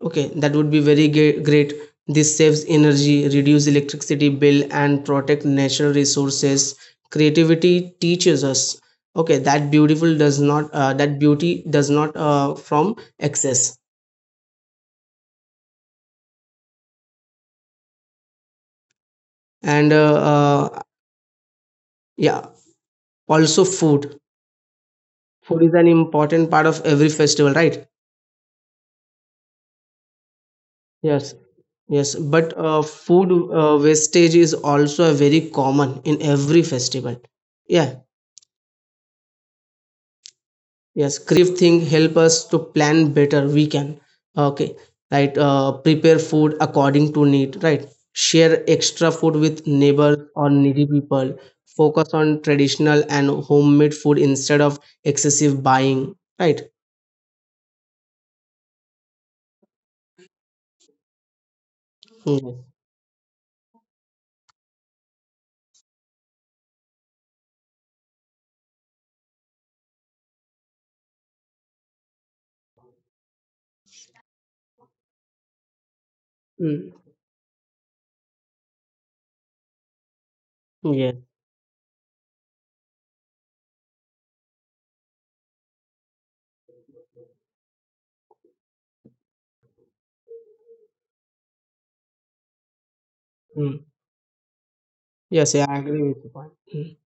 A: Okay, that would be very great. This saves energy, reduce electricity bill, and protect natural resources. Creativity teaches us, okay, that beautiful does not that beauty does not from excess. And yeah, also, food, food is an important part of every festival, right? Yes, yes. But food wastage is also a very common in every festival. Yeah, yes. Creative thing help us to plan better. We can, okay, right, prepare food according to need, right, share extra food with neighbors or needy people, focus on traditional and homemade food instead of excessive buying, right? Mm. Mm. Yeah. Mm. Yes. Yeah, I agree with your point. Mm.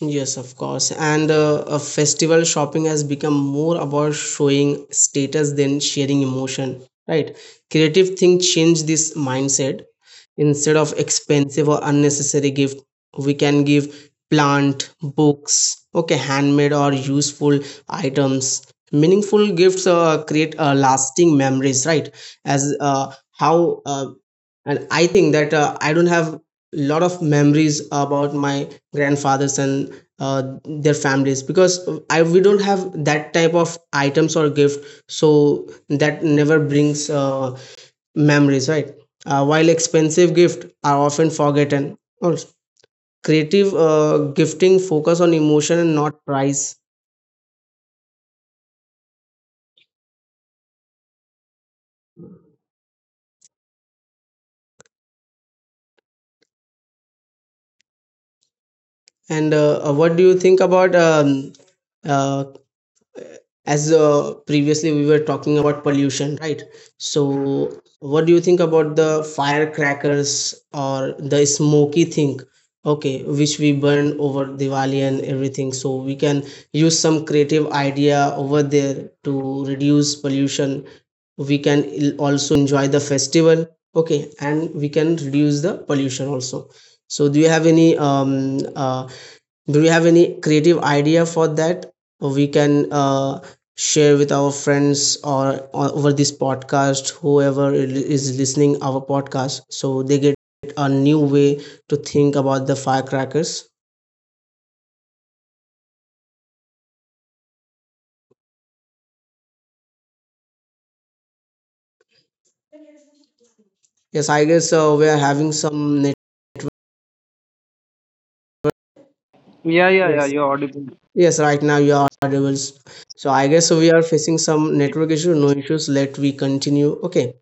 A: Yes, of course. And A festival shopping has become more about showing status than sharing emotion, right? Creative thing change this mindset. Instead of expensive or unnecessary gift, we can give plant, books, okay, handmade or useful items. Meaningful gifts create lasting memories, right? As how and I think that, I don't have a lot of memories about my grandfathers and uh, their families because I we don't have that type of items or gift, so that never brings memories, right? While expensive gifts are often forgotten, or creative gifting focus on emotion and not price. And what do you think about uh, as previously we were talking about pollution, right? So what do you think about the firecrackers or the smoky thing, okay, which we burn over Diwali and everything? So we can use some creative idea over there to reduce pollution. We can also enjoy the festival, okay, and we can reduce the pollution also. So do you have any do you have any creative idea for that? We can share with our friends, or over this podcast, whoever is listening our podcast, so they get a new way to think about the firecrackers. Yes, I guess we are having some network.
C: या yeah yeah
A: Yes,
C: you audible
A: yes. Right now you are audible. So I guess we are facing some network issue. No issues. Let we continue. Okay.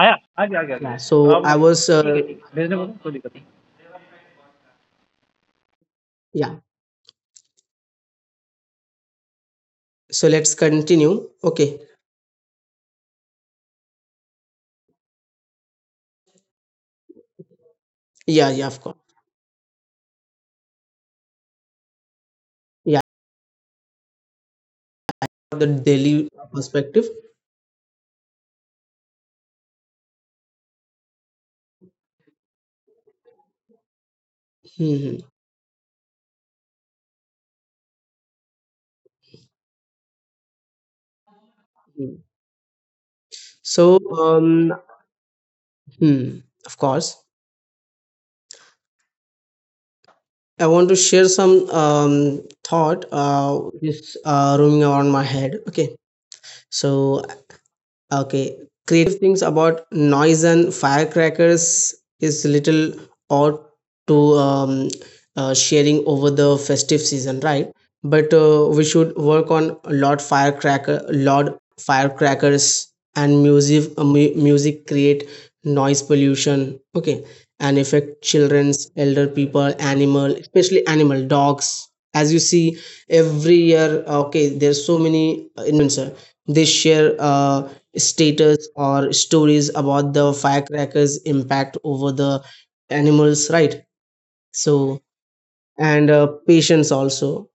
C: आया आ गया आ गया आ
A: Yeah.
C: गया
A: So
C: आप
A: I was. Uh,
C: ठीक है भेजने बोलो कोई दिक्कत
A: yeah. So let's continue. Okay. Yeah. Yeah. Of course. Yeah. The daily perspective. Hmm, hmm. So, hmm, of course, I want to share some thought which is roaming around my head. Okay, so Okay, creative things about noise and firecrackers is little odd to um, sharing over the festive season, right? But we should work on lot firecracker, lot firecrackers and music. Music create noise pollution. Okay, and affect childrens, elder people, animal, especially animal dogs. As you see every year, okay, there's so many influencer. They share status or stories about the firecrackers impact over the animals, right? So, and patience also.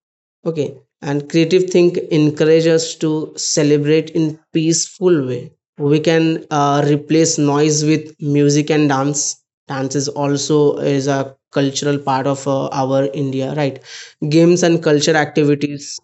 A: Okay, and creative think encourage us to celebrate in peaceful way. We can replace noise with music and dance. Dance is also is a cultural part of our India, right? Games and culture activities,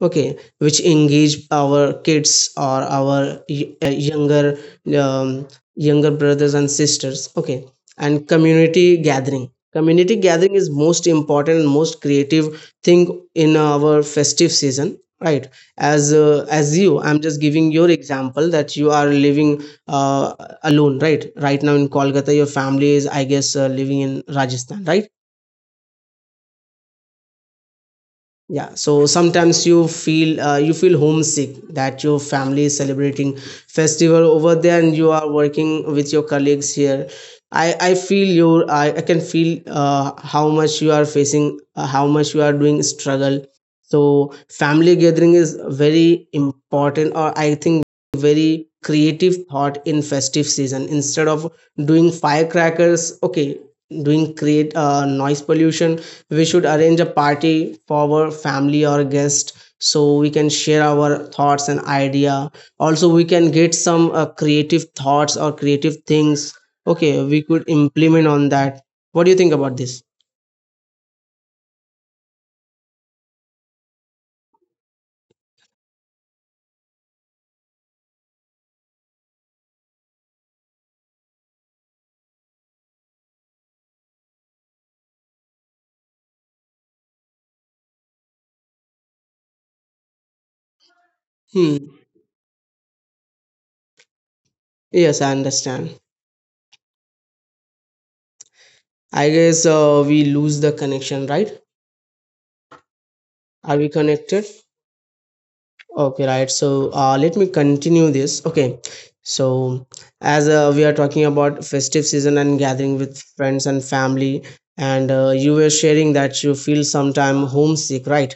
A: okay, which engage our kids or our younger, um, younger brothers and sisters. Okay, and community gathering. Community gathering is most important and most creative thing in our festive season, right? As you I'm just giving your example that you are living uh, alone. Right now in Kolkata, your family is, I guess, living in Rajasthan, right? Yeah. So sometimes you feel you feel homesick, that your family is celebrating festival over there and you are working with your colleagues here. I feel your I can feel how much you are facing, how much you are doing struggle. So family gathering is very important, or I think very creative thought in festive season instead of doing firecrackers, okay, doing create noise pollution. We should arrange a party for our family or guest, so we can share our thoughts and idea. Also we can get some creative thoughts or creative things, okay, we could implement on that. What do you think about this? Hmm. Yes, I understand. I guess we lose the connection, right? Are we connected? Okay, right. So let me continue this. Okay. So as we are talking about festive season and gathering with friends and family, and you were sharing that you feel sometime homesick, right?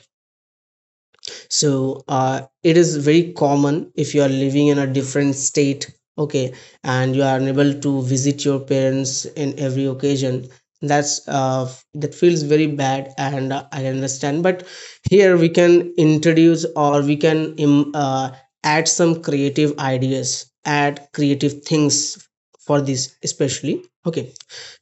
A: So it is very common if you are living in a different state, okay, and you are unable to visit your parents in every occasion. That's uh, that feels very bad, and I understand. But here we can introduce, or we can add some creative ideas, add creative things for this, especially, okay.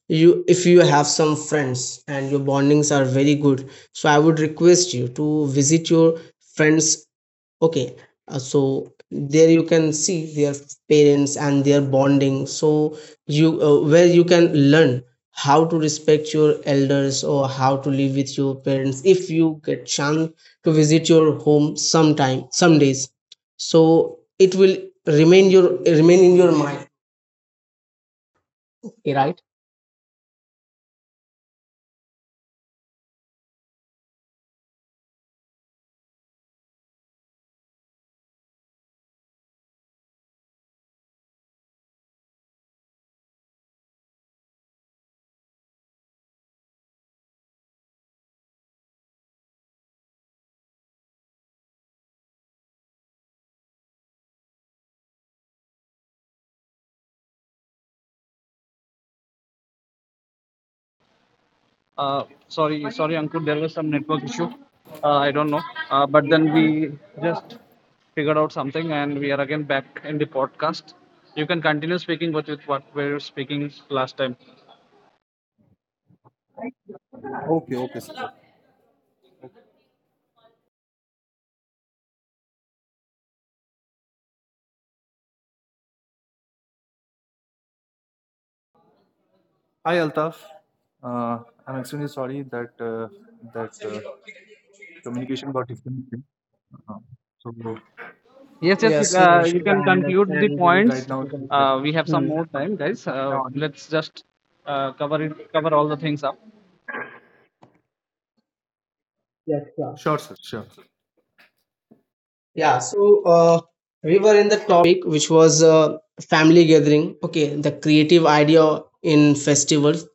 A: you If you have some friends and your bondings are very good, so I would request you to visit your friends, okay. So there you can see their parents and their bonding, so you where you can learn how to respect your elders or how to live with your parents. If you get chance to visit your home sometime, some days, so it will remain your remain in your mind.
C: नहीं sorry sorry Ankur there was some network issue I don't know but then we just figured out something and we are again back in the podcast. You can continue speaking with, what we were speaking last time.
B: Okay, okay, sir. Hi, Altaf. Uh, I'm extremely sorry that that uh, communication got disconnected. Uh, so
C: Yes, yes,
A: Yes, no
C: you
A: issues.
C: can
A: I
C: conclude the
A: understand the
C: points.
B: right now, it's
A: technical issue.
B: like,
C: We have some
A: Hmm.
C: more time, guys.
B: am I audible?
C: Let's just cover it, cover all the things up.
A: Yes, yeah.
B: Sure, sir. Sure.
A: Yeah, so we were in the topic which was family gathering. Okay, the creative idea in festivals.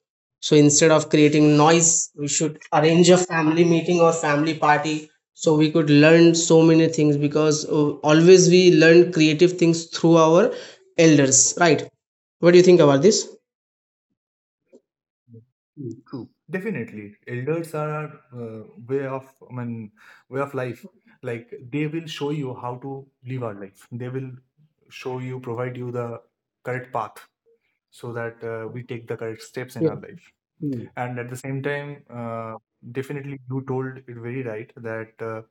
A: So instead of creating noise, we should arrange a family meeting or family party, so we could learn so many things, because always we learn creative things through our elders, right? What do you think about this?
B: True, true. Definitely, elders are our, way of, I mean, way of life. Like they will show you how to live our life. They will show you, provide you the correct path, so that we take the correct steps in
A: Yes.
B: our life.
A: Hmm.
B: And at the same time, definitely you told it very right that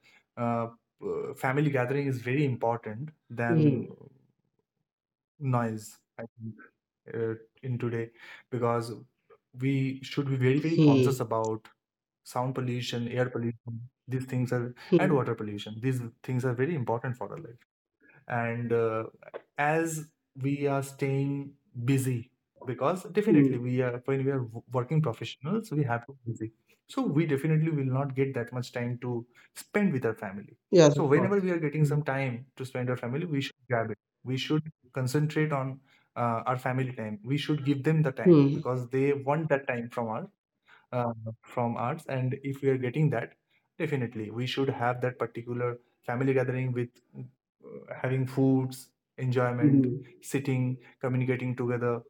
B: uh, family gathering is very important
A: Hmm.
B: than noise, I think, uh, in today, because we should be very, very conscious
A: Hmm.
B: about sound pollution, air pollution, these things are, and
A: Hmm.
B: water pollution. These things are very important for our life. And as we are staying busy, because
A: Hmm.
B: definitely we are, when we are working professionals, we have to be busy, so we definitely will not get that much time to spend with our family.
A: Yes,
B: So
A: of course.
B: whenever we are getting some
A: Mhm.
B: time to spend our family, we should grab it. We should concentrate on our family time. We should give them the time,
A: Hmm.
B: because they want that time from us, uh, from arts. And if we are getting that, definitely we should have that particular family gathering with uh, having foods, enjoyment,
A: Mhm.
B: sitting, communicating together.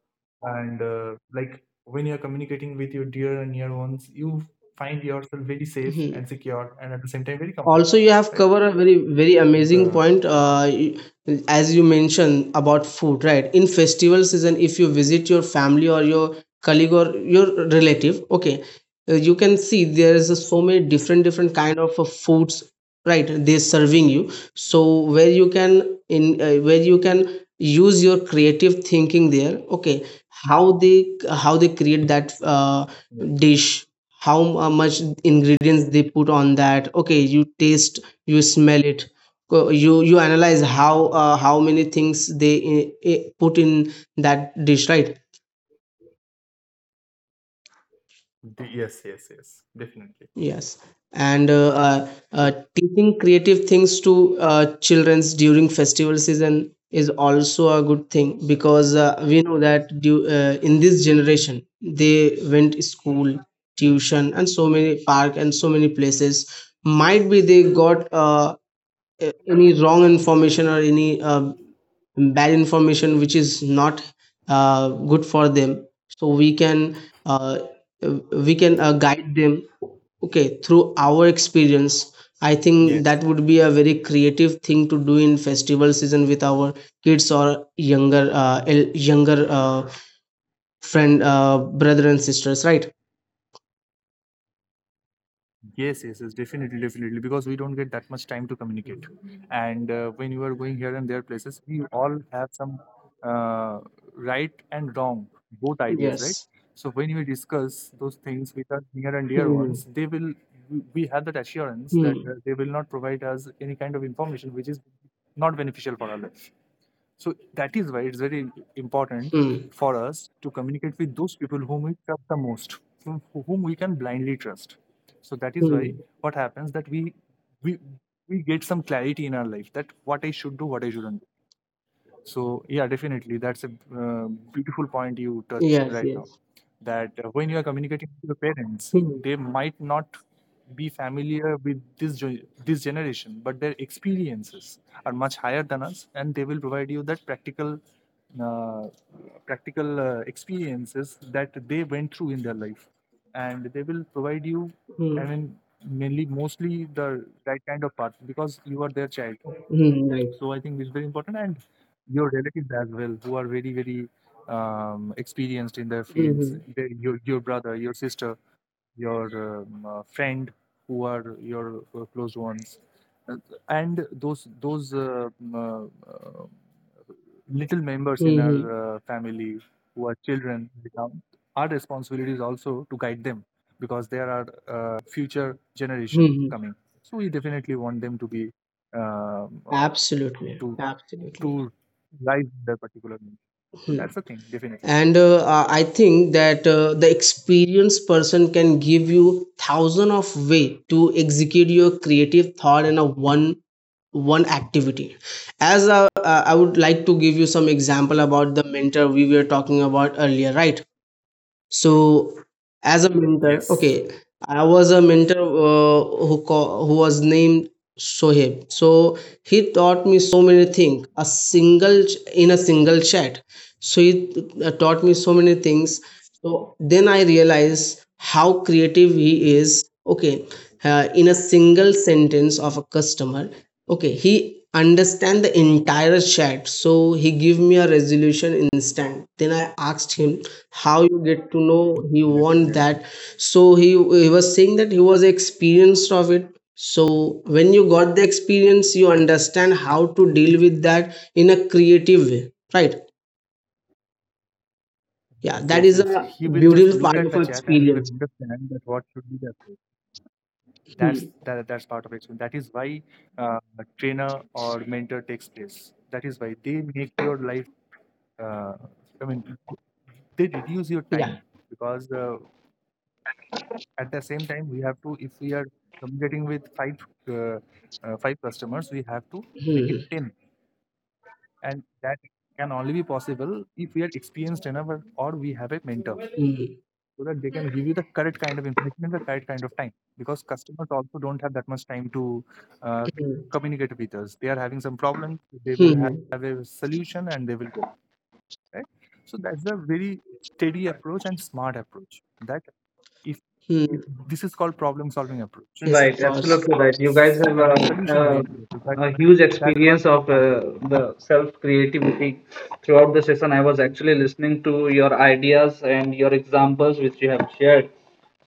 B: And like when you're communicating with your dear and near ones, you find yourself very safe
A: Mhm.
B: and secure, and at the same time very
A: Also,
B: comfortable,
A: you have
B: right?
A: covered a very, very amazing
B: the,
A: point. As you mentioned about food, right? In festival season, if you visit your family or your colleague or your relative, okay, you can see there is a so many different, different kind of foods, right? They're serving you. So where you can use your creative thinking there. Okay, how they create that
B: yeah.
A: dish, how much ingredients they put on that, okay, you taste, you smell it. You analyze how how many things they put in that dish, right?
B: the Yes, yes, yes, definitely,
A: Yes. And
B: true,
A: teaching creative things to childrens during festival season is also a good thing, because we know that in this generation they went to school, tuition and so many park and so many places. Might be they got any wrong information or any bad information which is not good for them. So we can uh, uh, guide them, okay, through our experience. I think
B: yes.
A: that would be a very creative thing to do in festival season with our kids or younger, friend, brother and sisters, right?
B: Yes, yes, yes, definitely, definitely, because we don't get that much time to communicate. And when you are going here and there places, we all have some uh, right and wrong, both ideas, right?
A: Yes.
B: So when we discuss those things with our near and dear
A: Hmm.
B: ones, they will, we have that assurance that
A: Hmm.
B: they will not provide us any kind of information which is not beneficial for our life. So that is why it's very important
A: Hmm.
B: for us to communicate with those people whom we trust the most, whom we can blindly trust. So that is why
A: Hmm.
B: what happens, that we we get some clarity in our life, that what I should do, what I shouldn't do. So yeah, definitely, that's a uh, beautiful point you touched
A: Yes,
B: right now.
A: yes.
B: That when you are communicating to the parents,
A: Hmm.
B: they might not be familiar with this this generation, but their experiences are much higher than us, and they will provide you that practical uh, practical experiences that they went through in their life, and they will provide you, I
A: Hmm.
B: mean, mainly, mostly the right kind of path, because you are their child.
A: Hmm. Hmm. Right.
B: So I think it's very important, and your relatives as well, who are very, very experienced in their fields.
A: Mhm.
B: The, your brother, your sister, your friend, who are your close ones. Uh, and those um, uh, uh, little members in our
A: Mhm.
B: family who are children become our responsibilities also, to guide them, because they are our future generation
A: Mhm.
B: coming. So we definitely want them to be um, uh,
A: Absolutely,
B: to
A: absolutely.
B: to rise in that particular niche. So
A: Hmm.
B: that's the thing, definitely.
A: And I think that the experienced person can give you thousand of way to execute your creative thought in a one activity. As I would like to give you some example about the mentor we were talking about earlier, right? So as a mentor,
B: Yes.
A: okay, I was a mentor, who was named Shoaib. So he taught me so many things in a single chat. So he taught me so many things, so then I realized how creative he is, okay. In a single sentence of a customer, okay, he understand the entire chat, so he gave me a resolution instant. Then I asked him, how you get to know he
B: Yes,
A: want
B: yes.
A: that? So he was saying that he was experienced of it. So when you got the experience, you understand how to deal with that in a creative way, right? Yeah,
B: Yes,
A: that
B: yes,
A: is a
B: yes. He will just
A: beautiful
B: look
A: part
B: at
A: of
B: the
A: our
B: chat and he will
A: experience.
B: understand that what should be the approach. That's
A: Hmm.
B: that, that's part of experience. That is why a trainer or mentor takes place. That is why they make your life. Uh, I mean, they reduce your
A: Yeah.
B: time, because at the same time we have to. If we are communicating with uh, five customers, we have to make it
A: Hmm.
B: ten. And that can only be possible if we are experienced enough, or we have a mentor,
A: Hmm.
B: so that they can give you the correct kind of information in the correct kind of time. Because customers also don't have that much time to uh,
A: Hmm.
B: communicate with us. They are having some problems, they
A: Hmm.
B: will have
A: Hmm.
B: a solution and they will go. Right? So that's a very steady approach and smart approach. That if,
A: Hmm.
B: if this is called problem solving approach.
A: Yes, of
C: Right,
A: course.
C: absolutely right. You guys have
B: I mean solution
C: a,
B: oriented approach. That
C: a huge
B: that's what
C: experience
B: we
C: of
B: started.
C: the self creativity throughout the session. I was actually listening to your ideas and your examples which you have shared.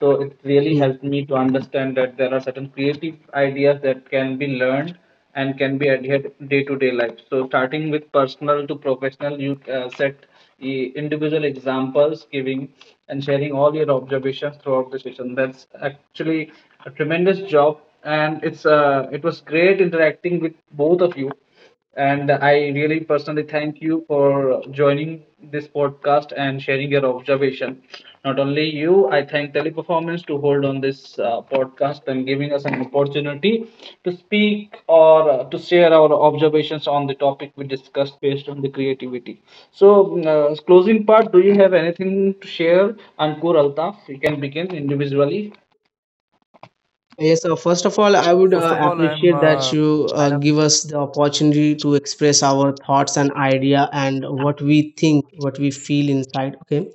C: So it really
A: Hmm.
C: helped me to understand that there are certain creative ideas that can be learned and can be adhered day to day life. So, starting with personal to professional, you set individual examples, giving and sharing all your observations throughout the session. That's actually a tremendous job, and it's it was great interacting with both of you. And I really personally thank you for joining this podcast and sharing your observation. Not only you, I thank Teleperformance to hold on this podcast and giving us an opportunity to speak or to share our observations on the topic we discussed based on the creativity. So, closing part, do you have anything to share? Ankur Altaf, you can begin individually.
A: Yes, first of all, I would
B: First of all,
A: appreciate that you
B: I am
A: give us the opportunity to express our thoughts and idea and what we think, what we feel inside. Okay.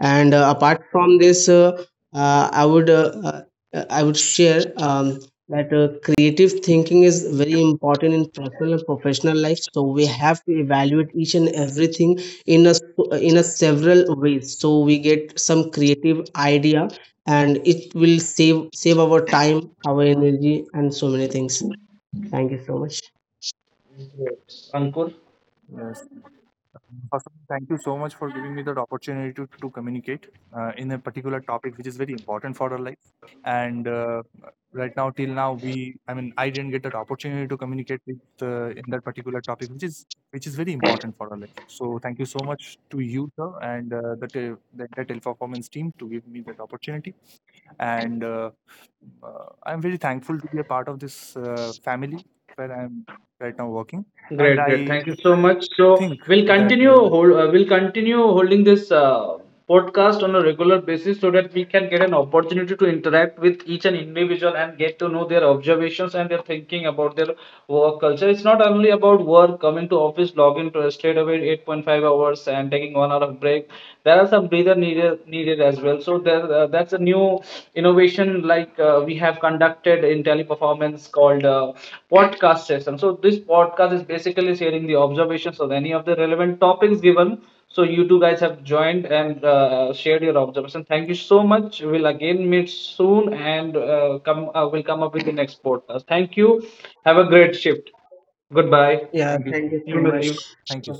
A: And apart from this, uh, i would uh, I would share that creative thinking is very important in personal and professional life, so we have to evaluate each and everything in a several ways, so we get some creative idea and it will save our time, our energy, and so many things. Thank you so much.
C: Ankur.
B: uh, First of all, thank you so much for giving me that opportunity to communicate in a particular topic which is very important for our life. And right now, till now, we, I mean, I didn't get that opportunity to communicate with in that particular topic, which is very important for our life. So thank you so much to you, sir, and the the entire teleperformance team to give me that opportunity. And I'm very thankful to be a part of this family where I'm right now working. And
C: Great, great.
B: I
C: Thank you so much. So
B: think
C: we'll
B: that
C: we'll continue holding this podcast on a regular basis so that we can get an opportunity to interact with each and individual and get to know their observations and their thinking about their work culture. It's not only about work, coming to office, logging to straight away 8.5 hours and taking one hour of break. There are some breather needed as well. So there, that's a new innovation like we have conducted in teleperformance called podcast system. So this podcast is basically sharing the observations of any of the relevant topics given. So you two guys have joined and shared your observation. Thank you so much. We'll again meet soon and come. We'll come up with the next podcast. Thank you. Have a great shift. Goodbye.
A: Yeah,
B: thank you.
A: thank you so
C: You may
A: much.
C: leave.
B: Thank you.